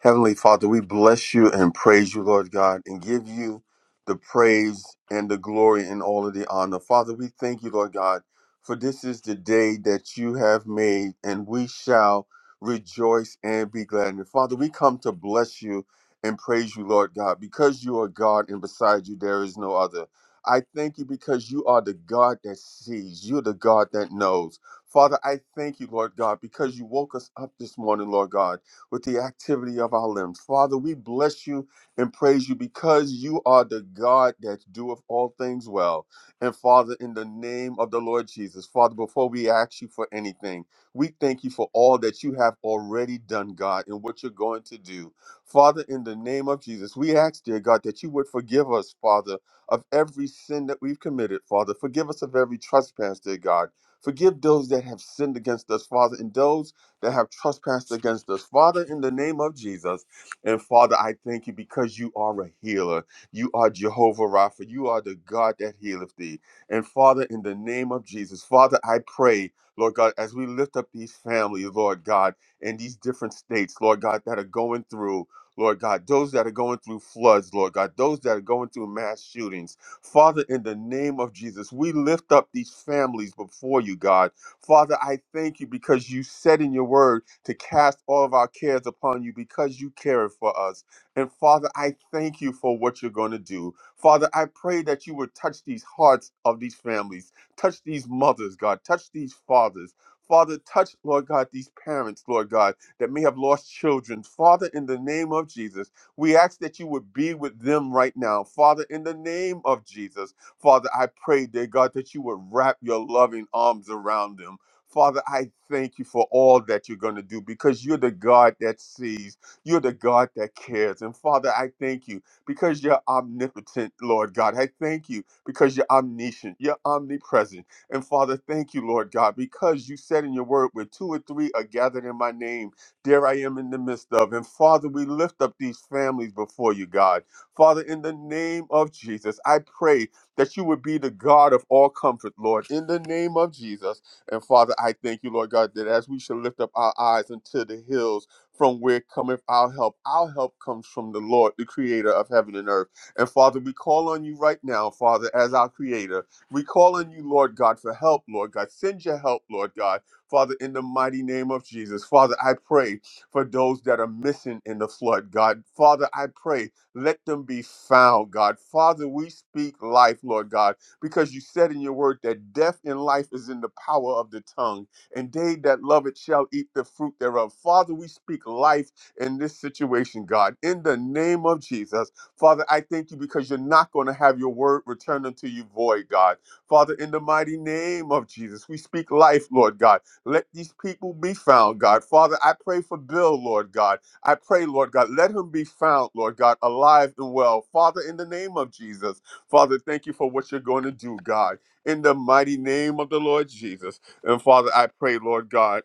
Heavenly Father, we bless you and praise you, Lord God, and give you the praise and the glory and all of the honor. Father, we thank you, Lord God, for this is the day that you have made, and we shall rejoice and be glad. in it. Father, we come to bless you and praise you, Lord God, because you are God and beside you there is no other. I thank you because you are the God that sees, you're the God that knows. Father, I thank you, Lord God, because you woke us up this morning, Lord God with the activity of our limbs. Father, we bless you and praise you because you are the God that doeth all things well. And Father, in the name of the Lord Jesus, Father, before we ask you for anything, we thank you for all that you have already done, God, and what you're going to do. Father, in the name of Jesus, we ask, dear God, that you would forgive us, Father, of every sin that we've committed, Father. Forgive us of every trespass, dear God. Forgive those that have sinned against us, Father, and those that have trespassed against us. Father, in the name of Jesus, and Father, I thank you because you are a healer. You are Jehovah Rapha. You are the God that healeth thee. And Father, in the name of Jesus, Father, I pray, Lord God, as we lift up these families, Lord God, in these different states, Lord God, that are going through. Lord God, those that are going through floods, Lord God, those that are going through mass shootings. Father, in the name of Jesus, we lift up these families before you, God. Father, I thank you because you said in your word to cast all of our cares upon you because you care for us. And Father, I thank you for what you're going to do. Father, I pray that you would touch these hearts of these families, touch these mothers, God, touch these fathers. Father, touch, Lord God, these parents, Lord God, that may have lost children. Father, in the name of Jesus, we ask that you would be with them right now. Father, in the name of Jesus. Father, I pray, dear God, that you would wrap your loving arms around them. Father, I thank you for all that you're going to do because you're the God that sees. You're the God that cares. And Father, I thank you because you're omnipotent, Lord God. I thank you because you're omniscient. You're omnipresent. And Father, thank you, Lord God, because you said in your word, where two or three are gathered in my name, there I am in the midst of. And Father, we lift up these families before you, God. Father, in the name of Jesus, I pray that you would be the God of all comfort, Lord, in the name of Jesus. And Father, I thank you, Lord God, that as we shall lift up our eyes unto the hills from where cometh our help, our help comes from the Lord, the creator of heaven and earth. And Father, we call on you right now, Father, as our creator. We call on you, Lord God, for help, Lord God. Send your help, Lord God. Father, in the mighty name of Jesus. Father, I pray for those that are missing in the flood, God. Father, I pray let them be found, God. Father, we speak life, Lord God, because you said in your word that death and life is in the power of the tongue, and they that love it shall eat the fruit thereof. Father, we speak life in this situation, God, in the name of Jesus. Father, I thank you because you're not going to have your word return unto you void, God. Father, in the mighty name of Jesus, we speak life, Lord God. Let these people be found, God. Father, I pray for Bill, Lord God. I pray, Lord God, let him be found, Lord God, alive and well. Father, in the name of Jesus, Father, thank you for what you're going to do, God, in the mighty name of the Lord Jesus. And Father, I pray, Lord God.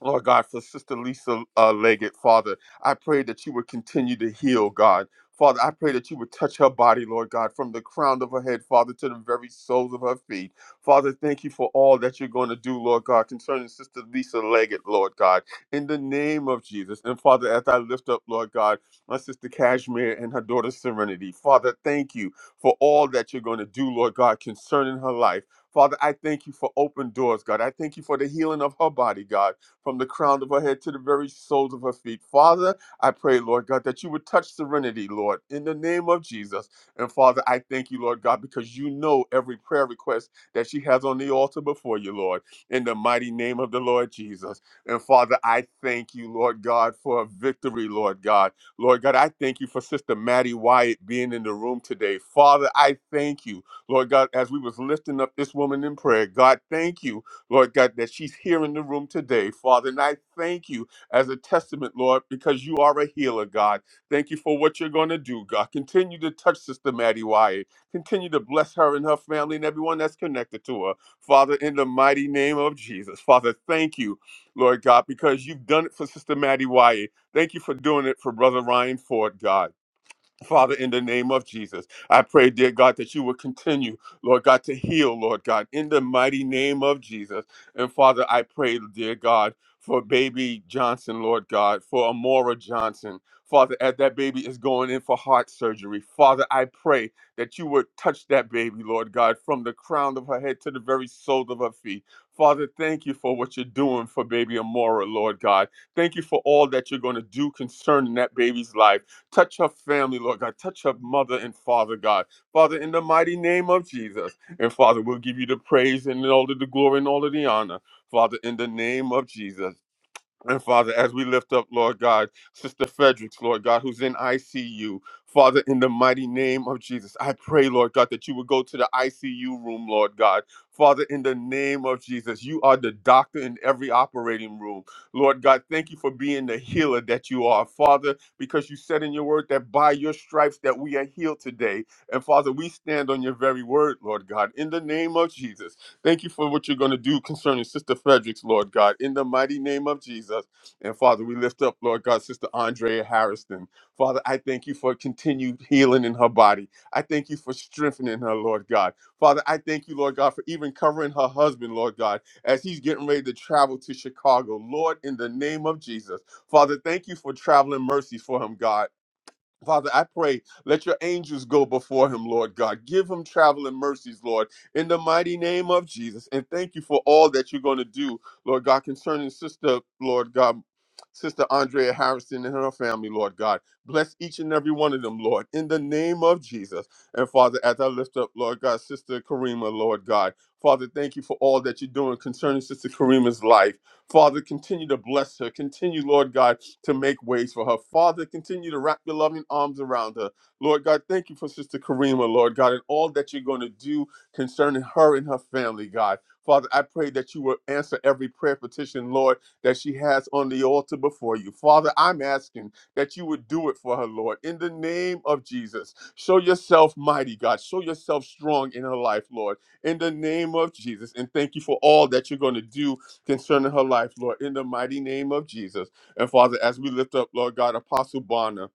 Lord God, for Sister Lisa uh, Leggett, Father, I pray that you would continue to heal, God. Father, I pray that you would touch her body, Lord God, from the crown of her head, Father, to the very soles of her feet. Father, thank you for all that you're going to do, Lord God, concerning Sister Lisa Leggett, Lord God, in the name of Jesus. And Father, as I lift up, Lord God, my sister Cashmere and her daughter Serenity, Father, thank you for all that you're going to do, Lord God, concerning her life. Father, I thank you for open doors, God. I thank you for the healing of her body, God from the crown of her head to the very soles of her feet. Father, I pray, Lord God, that you would touch serenity, Lord, in the name of Jesus. And Father, I thank you, Lord God, because you know every prayer request that she has on the altar before you, Lord, in the mighty name of the Lord Jesus. And Father, I thank you, Lord God, for a victory, Lord God. Lord God, I thank you for Sister Maddie Wyatt being in the room today. Father, I thank you, Lord God, as we was lifting up this woman in prayer. God, thank you Lord God, that she's here in the room today, Father. And I thank you as a testament, Lord, because you are a healer, God. Thank you for what you're going to do, God. Continue to touch Sister Maddie Wyatt. Continue to bless her and her family and everyone that's connected to her, Father, in the mighty name of Jesus. Father, thank you, Lord God, because you've done it for Sister Maddie Wyatt. Thank you for doing it for Brother Ryan Ford, God. Father, in the name of Jesus, I pray, dear God, that you would continue, Lord God, to heal, Lord God, in the mighty name of Jesus. And Father, I pray, dear God, for baby Johnson, Lord God, for Amora Johnson. Father, as that baby is going in for heart surgery, Father, I pray that you would touch that baby, Lord God, from the crown of her head to the very sole of her feet. Father, thank you for what you're doing for baby Amora, Lord God. Thank you for all that you're going to do concerning that baby's life. Touch her family, Lord God. Touch her mother and father, God. Father, in the mighty name of Jesus. And Father, we'll give you the praise and all of the glory and all of the honor. Father, in the name of Jesus. And Father, as we lift up, Lord God, Sister Fredericks, Lord God, who's in ICU, Father, in the mighty name of Jesus, I pray, Lord God, that you would go to the ICU room, Lord God. Father, in the name of Jesus, you are the doctor in every operating room. Lord God, thank you for being the healer that you are, Father, because you said in your word that by your stripes that we are healed today. And Father, we stand on your very word, Lord God, in the name of Jesus. Thank you for what you're going to do concerning Sister Fredericks, Lord God, in the mighty name of Jesus. And Father, we lift up, Lord God, Sister Andrea Harrison. Father, I thank you for continued healing in her body. I thank you for strengthening her, Lord God. Father, I thank you, Lord God, for even covering her husband, Lord God, as he's getting ready to travel to Chicago. Lord, in the name of Jesus. Father, thank you for traveling mercies for him, God. Father, I pray, let your angels go before him, Lord God. Give him traveling mercies, Lord, in the mighty name of Jesus. And thank you for all that you're going to do, Lord God, concerning Sister, Lord God, Sister Andrea Harrison and her family, Lord God. Bless each and every one of them, Lord, in the name of Jesus. And Father, as I lift up, Lord God, Sister Karima, Lord God, Father, thank you for all that you're doing concerning Sister Karima's life. Father, continue to bless her. Continue, Lord God, to make ways for her. Father, continue to wrap your loving arms around her. Lord God, thank you for Sister Karima, Lord God, and all that you're going to do concerning her and her family, God. Father, I pray that you will answer every prayer petition, Lord, that she has on the altar before you. Father, I'm asking that you would do it for her, Lord, in the name of Jesus. Show yourself mighty, God. Show yourself strong in her life, Lord, in the name of Jesus. And thank you for all that you're going to do concerning her life, Lord, in the mighty name of Jesus. And Father, as we lift up, Lord God, Apostle Bonner.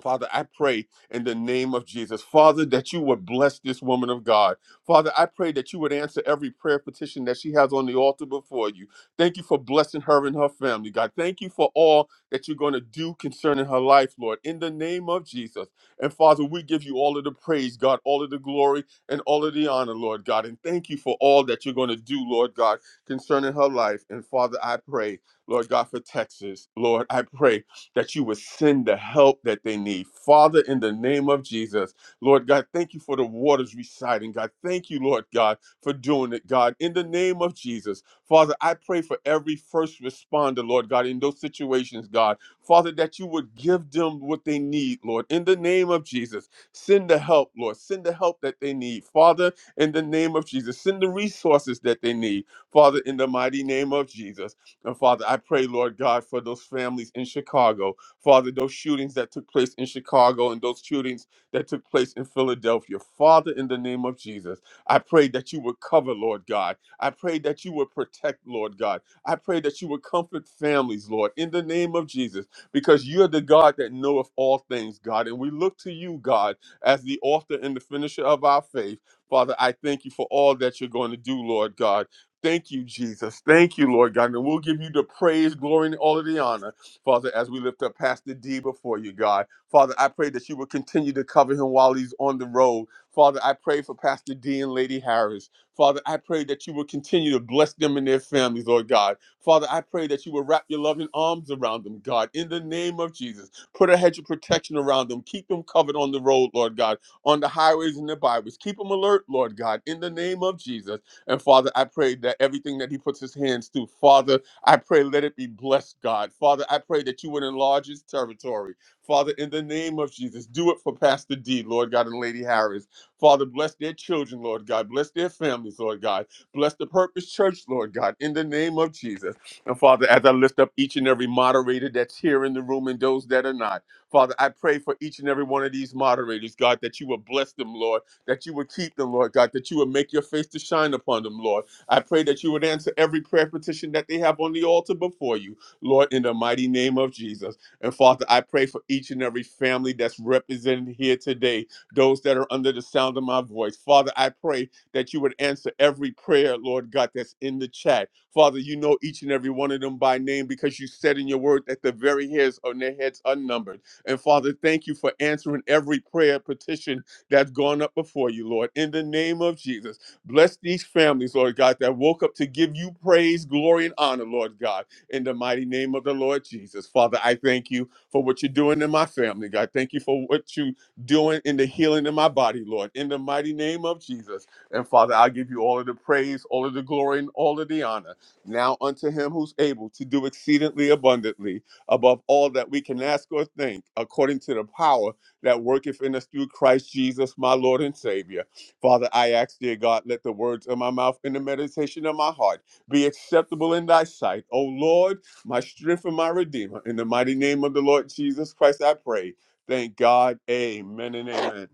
Father, I pray in the name of Jesus, Father, that you would bless this woman of God. Father, I pray that you would answer every prayer petition that she has on the altar before you. Thank you for blessing her and her family, God. Thank you for all that you're going to do concerning her life, Lord, in the name of Jesus. And Father, we give you all of the praise, God, all of the glory, and all of the honor, Lord God. And thank you for all that you're going to do, Lord God, concerning her life. And Father, I pray, Lord God, for Texas. Lord, I pray that you would send the help that they need. Father, in the name of Jesus, Lord God, thank you for the waters reciting. God, thank you, Lord God, for doing it, God, in the name of Jesus. Father, I pray for every first responder, Lord God, in those situations, God. Father, that you would give them what they need, Lord, in the name of Jesus. Send the help, Lord. Send the help that they need. Father, in the name of Jesus, send the resources that they need. Father, in the mighty name of Jesus. And Father, I pray, Lord God, for those families in Chicago. Father, those shootings that took place in Chicago and those shootings that took place in Philadelphia. Father, in the name of Jesus, I pray that you would cover, Lord God. I pray that you would protect, Lord God. I pray that you would comfort families, Lord, in the name of Jesus, because you're the God that knoweth all things, God. And we look to you, God, as the author and the finisher of our faith. Father, I thank you for all that you're going to do, Lord God. Thank you, Jesus. Thank you, Lord God. And we'll give you the praise, glory, and all of the honor, Father, as we lift up Pastor D before you, God. Father, I pray that you will continue to cover him while he's on the road. Father, I pray for Pastor D and Lady Harris. Father, I pray that you will continue to bless them and their families, Lord God. Father, I pray that you will wrap your loving arms around them, God, in the name of Jesus. Put a hedge of protection around them. Keep them covered on the road, Lord God, on the highways and the byways. Keep them alert, Lord God, in the name of Jesus. And Father, I pray that everything that he puts his hands to, Father, I pray let it be blessed, God. Father, I pray that you would enlarge his territory. Father, in the name of Jesus, do it for Pastor D, Lord God, and Lady Harris. Father, bless their children, Lord God. Bless their families, Lord God. Bless the Purpose Church, Lord God, in the name of Jesus. And Father, as I lift up each and every moderator that's here in the room and those that are not, Father, I pray for each and every one of these moderators, God, that you will bless them, Lord that you would keep them, Lord God, that you would make your face to shine upon them, Lord. I pray that you would answer every prayer petition that they have on the altar before you, Lord, in the mighty name of Jesus. And Father, I pray for each and every family that's represented here today, those that are under the sound of my voice. Father, I pray that you would answer every prayer, Lord God, that's in the chat. Father, you know each and every one of them by name because you said in your word that the very hairs on their heads are numbered. And Father, thank you for answering every prayer petition that's gone up before you, Lord, in the name of Jesus. Bless these families, Lord God, that woke up to give you praise, glory, and honor, Lord God, in the mighty name of the Lord Jesus. Father, I thank you for what you're doing in my family, God. Thank you for what you're doing in the healing in my body, Lord, in the mighty name of Jesus. And Father, I give you all of the praise, all of the glory, and all of the honor. Now unto him who's able to do exceedingly abundantly above all that we can ask or think, according to the power that worketh in us through Christ Jesus, my Lord and Savior. Father, I ask, dear God, let the words of my mouth and the meditation of my heart be acceptable in thy sight. O Lord, my strength and my redeemer. In the mighty name of the Lord Jesus Christ, I pray. Thank God. Amen and amen.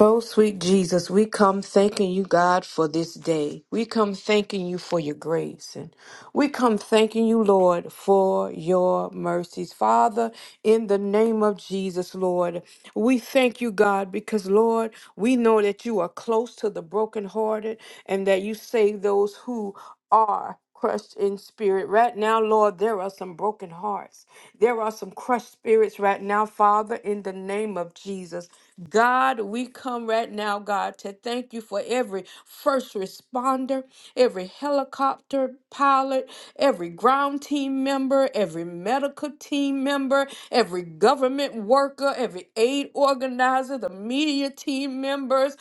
Oh, sweet Jesus, we come thanking you, God, for this day. We come thanking you for your grace. And we come thanking you, Lord, for your mercies. Father, in the name of Jesus, Lord, we thank you, God, because, Lord, we know that you are close to the brokenhearted and that you save those who are. crushed in spirit. Right now, Lord, there are some broken hearts. There are some crushed spirits right now, Father, in the name of Jesus. God, we come right now, God, to thank you for every first responder, every helicopter pilot, every ground team member, every medical team member, every government worker, every aid organizer, the media team members,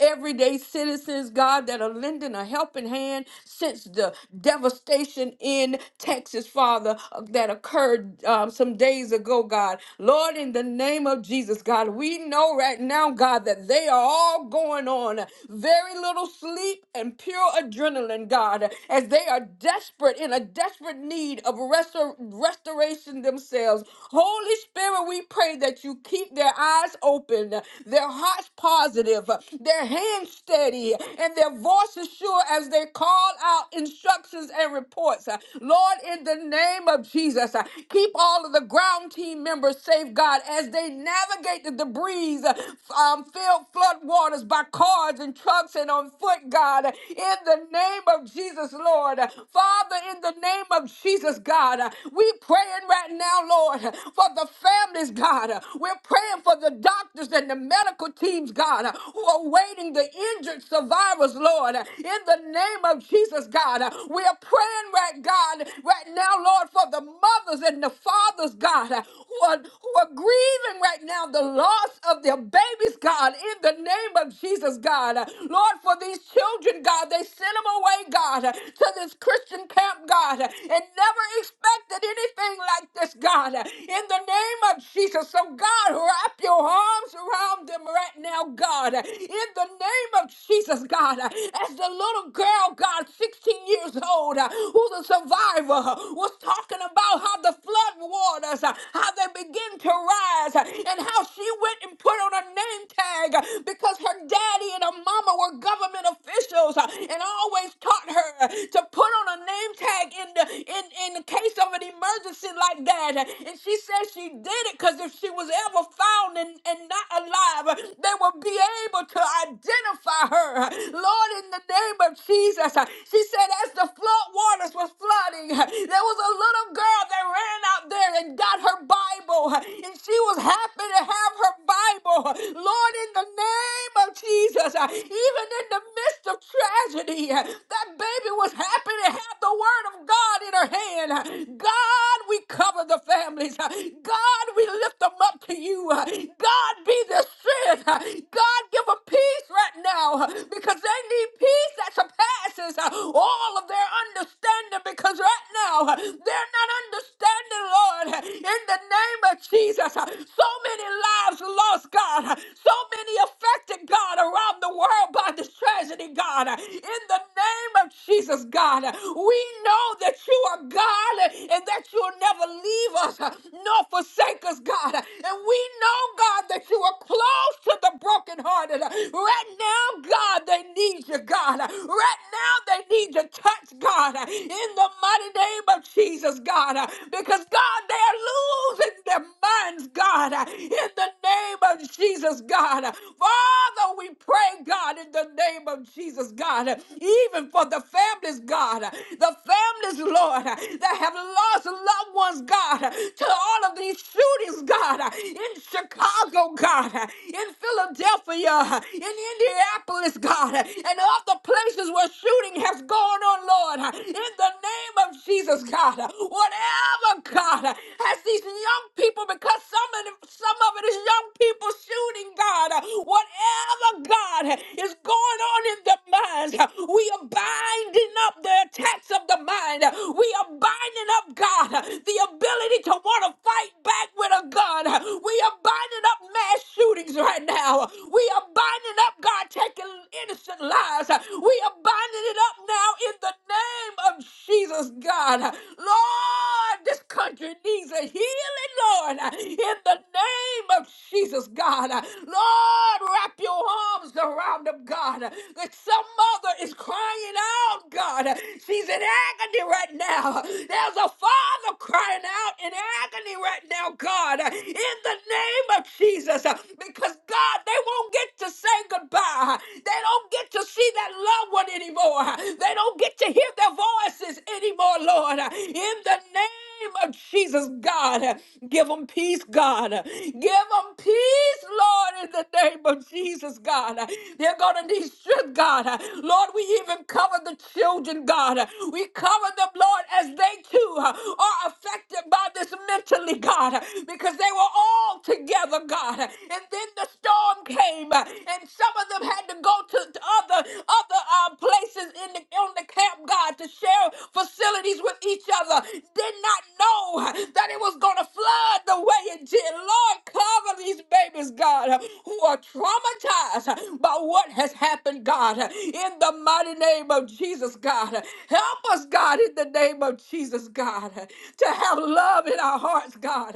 everyday citizens, God, that are lending a helping hand since the devastation in Texas, Father, uh, that occurred um, some days ago, God. Lord, in the name of Jesus, God, we know right now, God, that they are all going on very little sleep and pure adrenaline, God, as they are desperate in a desperate need of restor- restoration themselves. Holy Spirit, we pray that you keep their eyes open, their their hearts positive, uh, their hands steady, and their voices sure as they call out instructions and reports. Uh, Lord, in the name of Jesus, uh, keep all of the ground team members safe, God, as they navigate the debris uh, um, filled flood waters by cars and trucks and on foot, God, in the name of Jesus, Lord. Father, in the name of Jesus, God, we praying right now, Lord, for the families, God. We're praying praying for the doctors and the medical teams, God, uh, who are waiting the injured survivors, Lord. Uh, In the name of Jesus, God, uh, we are praying right, God, right now, Lord, for the mothers and the fathers, God, uh, who are, who are grieving right now the loss of their babies, God, in the name of Jesus, God. Uh, Lord, for these children, God, they sent them away, God, uh, to this Christian camp, God, uh, and never expected anything like this, God. Uh, In the name name of Jesus. So, God, wrap your arms around them right now, God. In the name of Jesus, God. As the little girl, God, 16 years old, who's a survivor, was talking about how the flood waters, how they begin to rise, and how she went and put on a name tag because her daddy and her mama were government officials and always taught her to put on a name tag in the in, in the case of an emergency like like that. And she said she did it because if she was ever found and, and not alive, they would be able to identify her. Lord, in the name of Jesus, she said as the flood waters was flooding, there was a little girl that ran out there and got her Bible. And she was happy to have her Bible. Lord, in the name of Jesus, even in the midst of tragedy, that baby was happy to have the word of God in her hand in. God, we cover the families. God, we lift them up to you. God, be their strength. God, give them peace right now because they need peace that surpasses all of their understanding because right now they're not understanding, Lord, in the name of Jesus. So many lives lost, God. So many affected, God, around the world by this tragedy, God. In the name of Jesus, God, we know that you are God and that you'll never leave us nor forsake us, God. And we know, God, that you are close to the brokenhearted. Right now, God, they need you, God. Right now, they need your touch, God, in the mighty name of Jesus, God. Because, God, they are losing their minds, God, in the name of Jesus, God. Father, we pray, God, in the name of Jesus, God, even even for the families, God, the families, Lord, that have lost loved ones, God, to all of these shootings, God, in Chicago, God, in Philadelphia, in Indianapolis, God, and all the places where shooting has gone on, Lord, in the name of Jesus, God, whatever, God, has these young people, because some of, the, some of it is young people shooting, God, whatever, God, is going on warning the mind. We are binding up the attacks of the mind. We are binding up, God, the ability to want to fight back with a gun. We are binding up mass shootings right now. We are binding up, God, taking innocent lives. We are binding it up now in the name of Jesus, God. Lord, this country needs a healing, Lord, in the name of Jesus, God. Lord, wrap your arms around him, God. That some mother is crying out, God. She's in agony right now. There's a father crying out in agony right now, God, in the name of Jesus. Because, God, they won't get to say goodbye. They don't get to see that loved one anymore. They don't get to hear their voices anymore, Lord. In the name name of Jesus, God. Give them peace, God. Give them peace, Lord, in the name of Jesus, God. They're going to need strength, God. Lord, we even cover the children, God. We cover them, Lord, as they too are affected by this mentally, God, because they were all together, God. And then the storm came, and some of them had to go to to other other uh, places in the on the camp, God, to share facilities with each other. Did not know that it was going to flood the way it did. Lord, cover these babies, God, who are traumatized by what has happened, God, in the mighty name of Jesus, God. Help us, God, in the name of Jesus, God, to have love in our hearts, God,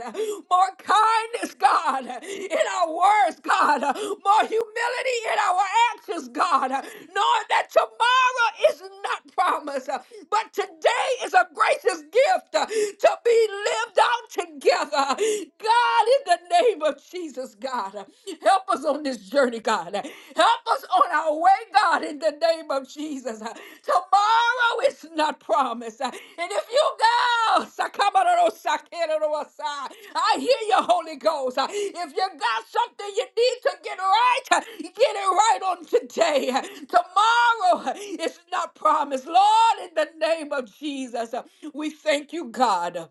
more kindness, God, in our words, God, more humility in our actions, God, knowing that tomorrow is not promised, but today is a gracious gift. to will be lived out together. God, in the name of Jesus, God, help us on this journey, God. Help us on our way, God, in the name of Jesus. Tomorrow is not promised. And if you go, Sakamarosakirorosa, I hear your Holy Ghost. If you got something you need to get right, get it right on today. Tomorrow is not promised. Lord, in the name of Jesus, we thank you, God.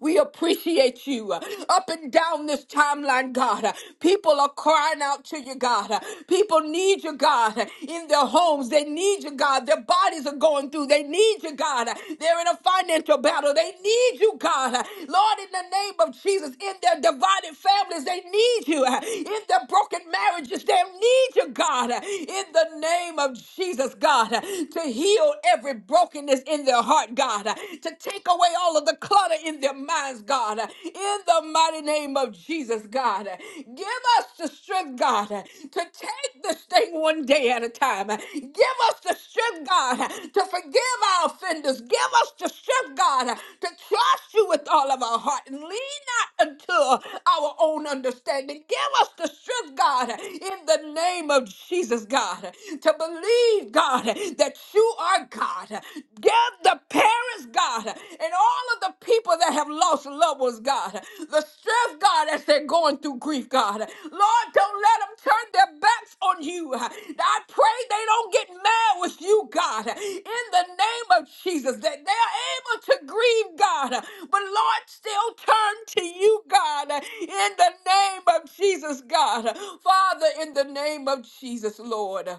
We appreciate you uh, up and down this timeline, God. Uh, People are crying out to you, God. Uh, People need you, God, uh, in their homes. They need you, God. Their bodies are going through. They need you, God. Uh, They're in a financial battle. They need you, God. Uh, Lord, in the name of Jesus, in their divided families, they need you. Uh, In their broken marriages, they need you, God. Uh, In the name of Jesus, God, uh, to heal every brokenness in their heart, God. God, uh, to take away all of the clutter in their minds, God, uh, in the mighty name of Jesus, God. Uh, Give us the strength, God, uh, to take this thing one day at a time. Uh, Give us the strength, God, uh, to forgive our offenders. Give us the strength, God, uh, to trust you with all of our heart and lean not unto our own understanding. Give us the strength, God, in the name of Jesus, God, to believe, God, that you are God. Give the parents, God, and all of the people that have lost loved ones, God, the strength, God, as they're going through grief grief, God. Lord, don't let them turn their backs on you. I pray they don't get mad with you, God, in the name of Jesus, that they are able to grieve, God, but Lord, still turn to you, God, in the name of Jesus, God. Father, in the name of Jesus, Lord.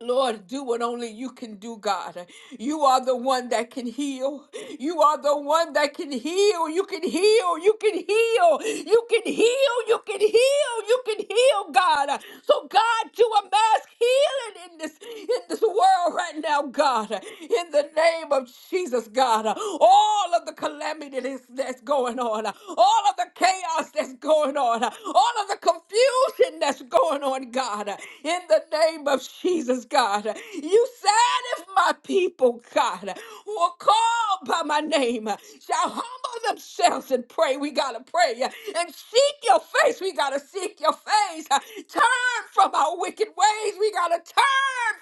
Lord, do what only you can do, God. You are the one that can heal. You are the one that can heal. You can heal. You can heal. You can heal. You can heal. You can heal, God. So, God, do a mass healing in this in this world right now, God. In the name of Jesus, God. All of the calamity that's that's going on, all of the chaos that's going on, all of the confusion that's going going on, God, in the name of Jesus, God. You said, if my people, God, who are called by my name, shall humble themselves and pray, we got to pray. And seek your face, we got to seek your face. Turn from our wicked ways, we got to turn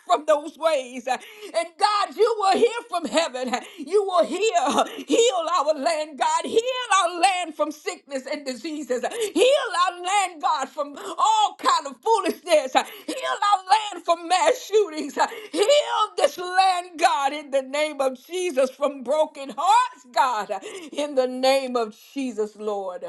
from those ways. And God, you will hear from heaven. You will heal, heal our land, God. Heal our land from sickness and diseases. Heal our land, God, from all kind of foolishness. Heal our land from mass shootings. Heal this land, God, in the name of Jesus, from broken hearts, God, in the name of Jesus, Lord.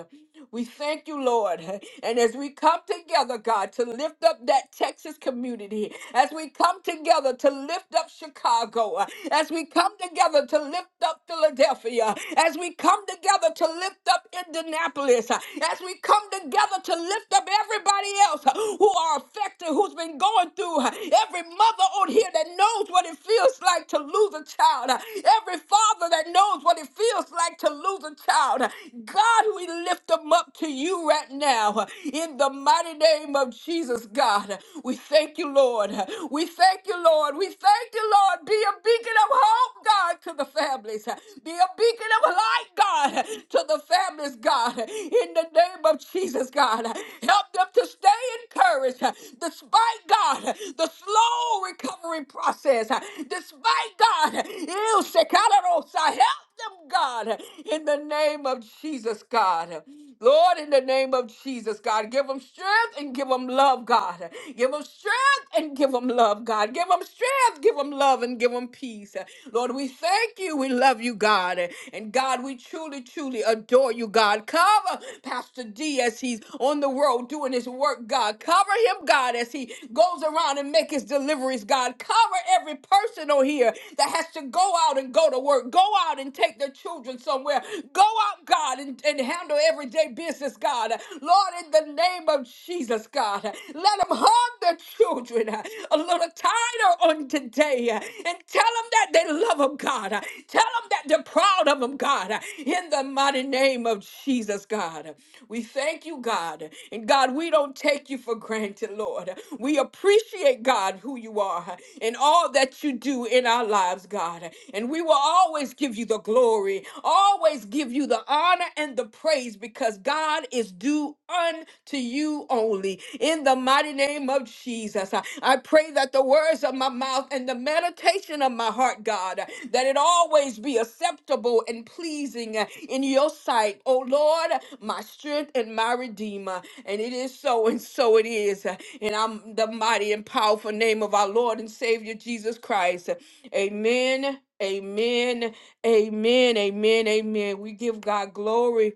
We thank you, Lord. And as we come together, God, to lift up that Texas community, as we come together to lift up Chicago, as we come together to lift up Philadelphia, as we come together together to lift up Indianapolis, uh, as we come together to lift up everybody else uh, who are affected, who's been going through, uh, every mother on here that knows what it feels like to lose a child, uh, every father that knows what it feels like to lose a child. uh, God, we lift them up to you right now uh, in the mighty name of Jesus, God. Uh, We thank you, Lord. Uh, We thank you, Lord. We thank you, Lord. Be a beacon of hope, God, to the to the families. Be a beacon of light, God, to the families, God. In the name of Jesus, God. Help them to stay encouraged despite, God, the slow recovery process. Despite, God, you help them, God, in the name of Jesus, God. Lord, in the name of Jesus, God, give them strength and give them love, God. Give them strength and give them love, God. Give them strength, give them love, and give them peace. Lord, we thank you. We love you, God. And God, we truly, truly adore you, God. Cover Pastor D as he's on the road doing his work, God. Cover him, God, as he enemy goes around and make his deliveries, God. Cover every person on here that has to go out and go to work, go out and take their children somewhere, go out, God, and, and handle everyday business, God. Lord, in the name of Jesus, God, let them hug their children a little tighter on today and tell them that they love them, God. Tell them that they're proud of them, God in the mighty name of Jesus, God. We thank you, God. And God, we don't take you for granted, Lord. We appreciate, God, who you are and all that you do in our lives, God. And we will always give you the glory, always give you the honor and the praise because God is due unto you only. In the mighty name of Jesus, I I pray pray that the words of my mouth and the meditation of my heart, God, that it always be acceptable and pleasing in your sight. Oh Lord, my strength and my redeemer. And it is so, and so it is. And I'm the mighty and powerful name of our Lord and Savior Jesus Christ. Amen. Amen. Amen. Amen. Amen. We give God glory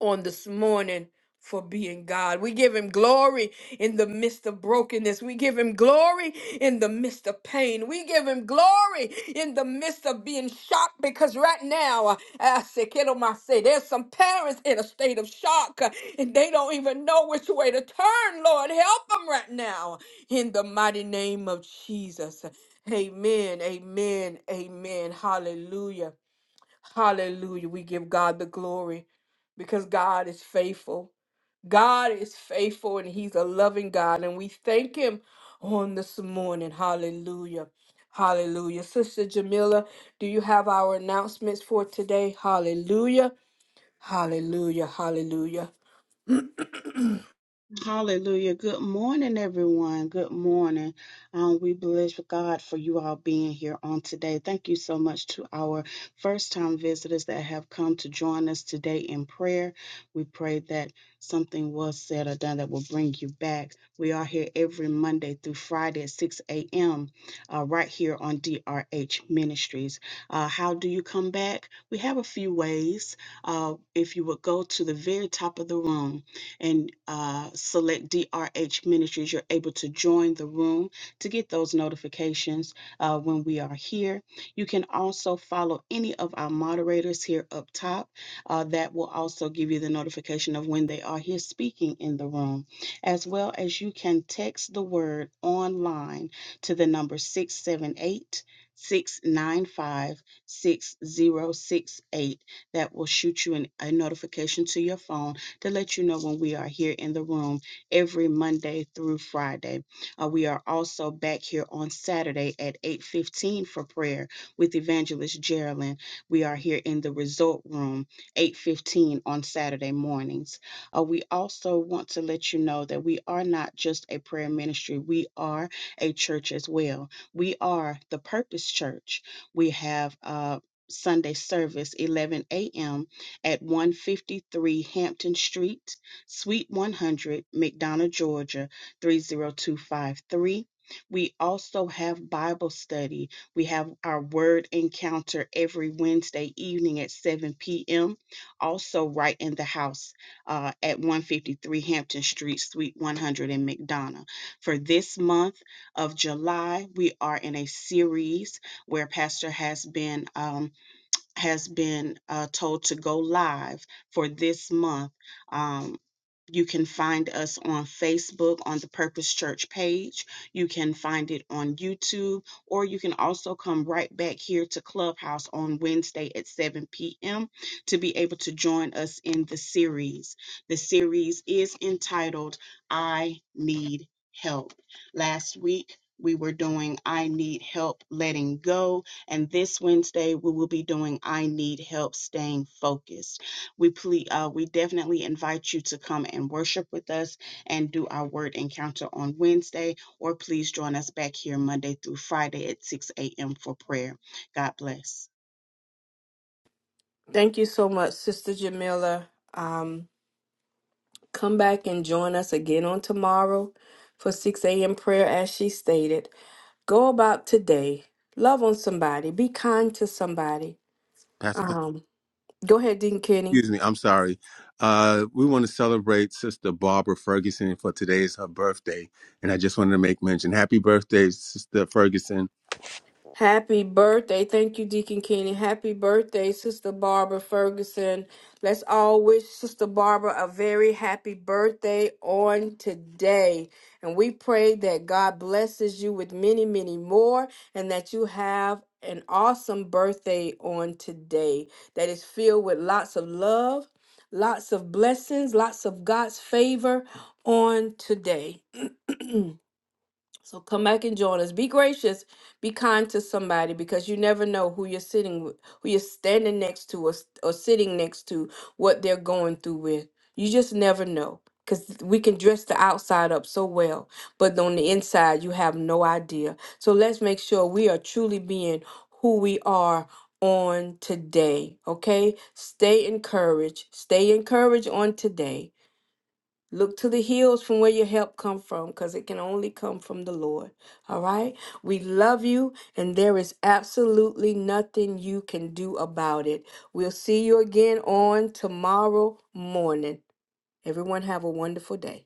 on this morning for being God. We give him glory in the midst of brokenness. We give him glory in the midst of pain. We give him glory in the midst of being shocked because right now, uh, I say, kiddo, my say, there's some parents in a state of shock uh, and they don't even know which way to turn. Lord, help them right now in the mighty name of Jesus. Amen, amen, amen. Hallelujah. Hallelujah. We give God the glory because God is faithful. God is faithful and He's a loving God. And we thank Him on this morning. Hallelujah. Hallelujah. Sister Jamila, do you have our announcements for today? Hallelujah. Hallelujah. Hallelujah. Hallelujah. Good morning, everyone. Good morning. Um, we bless God for you all being here on today. Thank you so much to our first time visitors that have come to join us today in prayer. We pray that something was said or done that will bring you back. We are here every Monday through Friday at 6 a.m. Uh, right here on DRH Ministries. Uh, how do you come back? We have a few ways. Uh, if you would go to the very top of the room, and uh, select DRH Ministries, you're able to join the room to get those notifications uh, when we are here. You can also follow any of our moderators here up top. Uh, that will also give you the notification of when they are here speaking in the room, as well as you can text the word online to the number 678 695 6068. That will shoot you an, a notification to your phone to let you know when we are here in the room every Monday through Friday. Uh, we are also back here on Saturday at 8:15 for prayer with Evangelist Geraldine. We are here in the resort room 8:15 on Saturday mornings. Uh, we also want to let you know that we are not just a prayer ministry; we are a church as well. We are the Purpose Church. We have. Uh, Sunday service, 11 a.m at 153 Hampton Street, Suite 100, McDonough, Georgia 30253. We also have Bible study. We have our word encounter every Wednesday evening at 7 p.m. Also, right in the house uh, at 153 Hampton Street, Suite 100 in McDonough. For this month of July, we are in a series where Pastor has been. um, has been uh, told to go live for this month. Um, you can find us on Facebook on the Purpose Church page. You can find it on YouTube, or you can also come right back here to Clubhouse on Wednesday at 7 p.m. to be able to join us in the series. The series is entitled I Need Help. Last week, we were doing I Need Help Letting Go and this Wednesday, we will be doing I Need Help Staying Focused. We ple- uh, we definitely invite you to come and worship with us and do our word encounter on Wednesday, or please join us back here Monday through Friday at 6 a.m. for prayer. God bless. Thank you so much, Sister Jamila. Um. Come back and join us again on tomorrow for 6 a.m. prayer, as she stated. Go about today. Love on somebody. Be kind to somebody. Pastor, Fel- Um, go ahead, Dean Kenny. excuse me. I'm sorry. Uh, we want to celebrate Sister Barbara Ferguson for today is her birthday. And I just wanted to make mention happy birthday, Sister Ferguson. Happy birthday. Thank you, Deacon Kenny. Happy birthday, Sister Barbara Ferguson. Let's all wish Sister Barbara a very happy birthday on today. And we pray that God blesses you with many, many more and that you have an awesome birthday on today that is filled with lots of love, lots of blessings, lots of God's favor on today. So come back and join us. Be gracious. Be kind to somebody because you never know who you're sitting with, who you're standing next to, or, s- or sitting next to, what they're going through with. You just never know because we can dress the outside up so well, but on the inside, you have no idea. So let's make sure we are truly being who we are on today. Okay? Stay encouraged. Stay encouraged on today. Look to the hills from where your help come from cuz it can only come from the Lord. All right? We love you and there is absolutely nothing you can do about it. We'll see you again on tomorrow morning. Everyone have a wonderful day.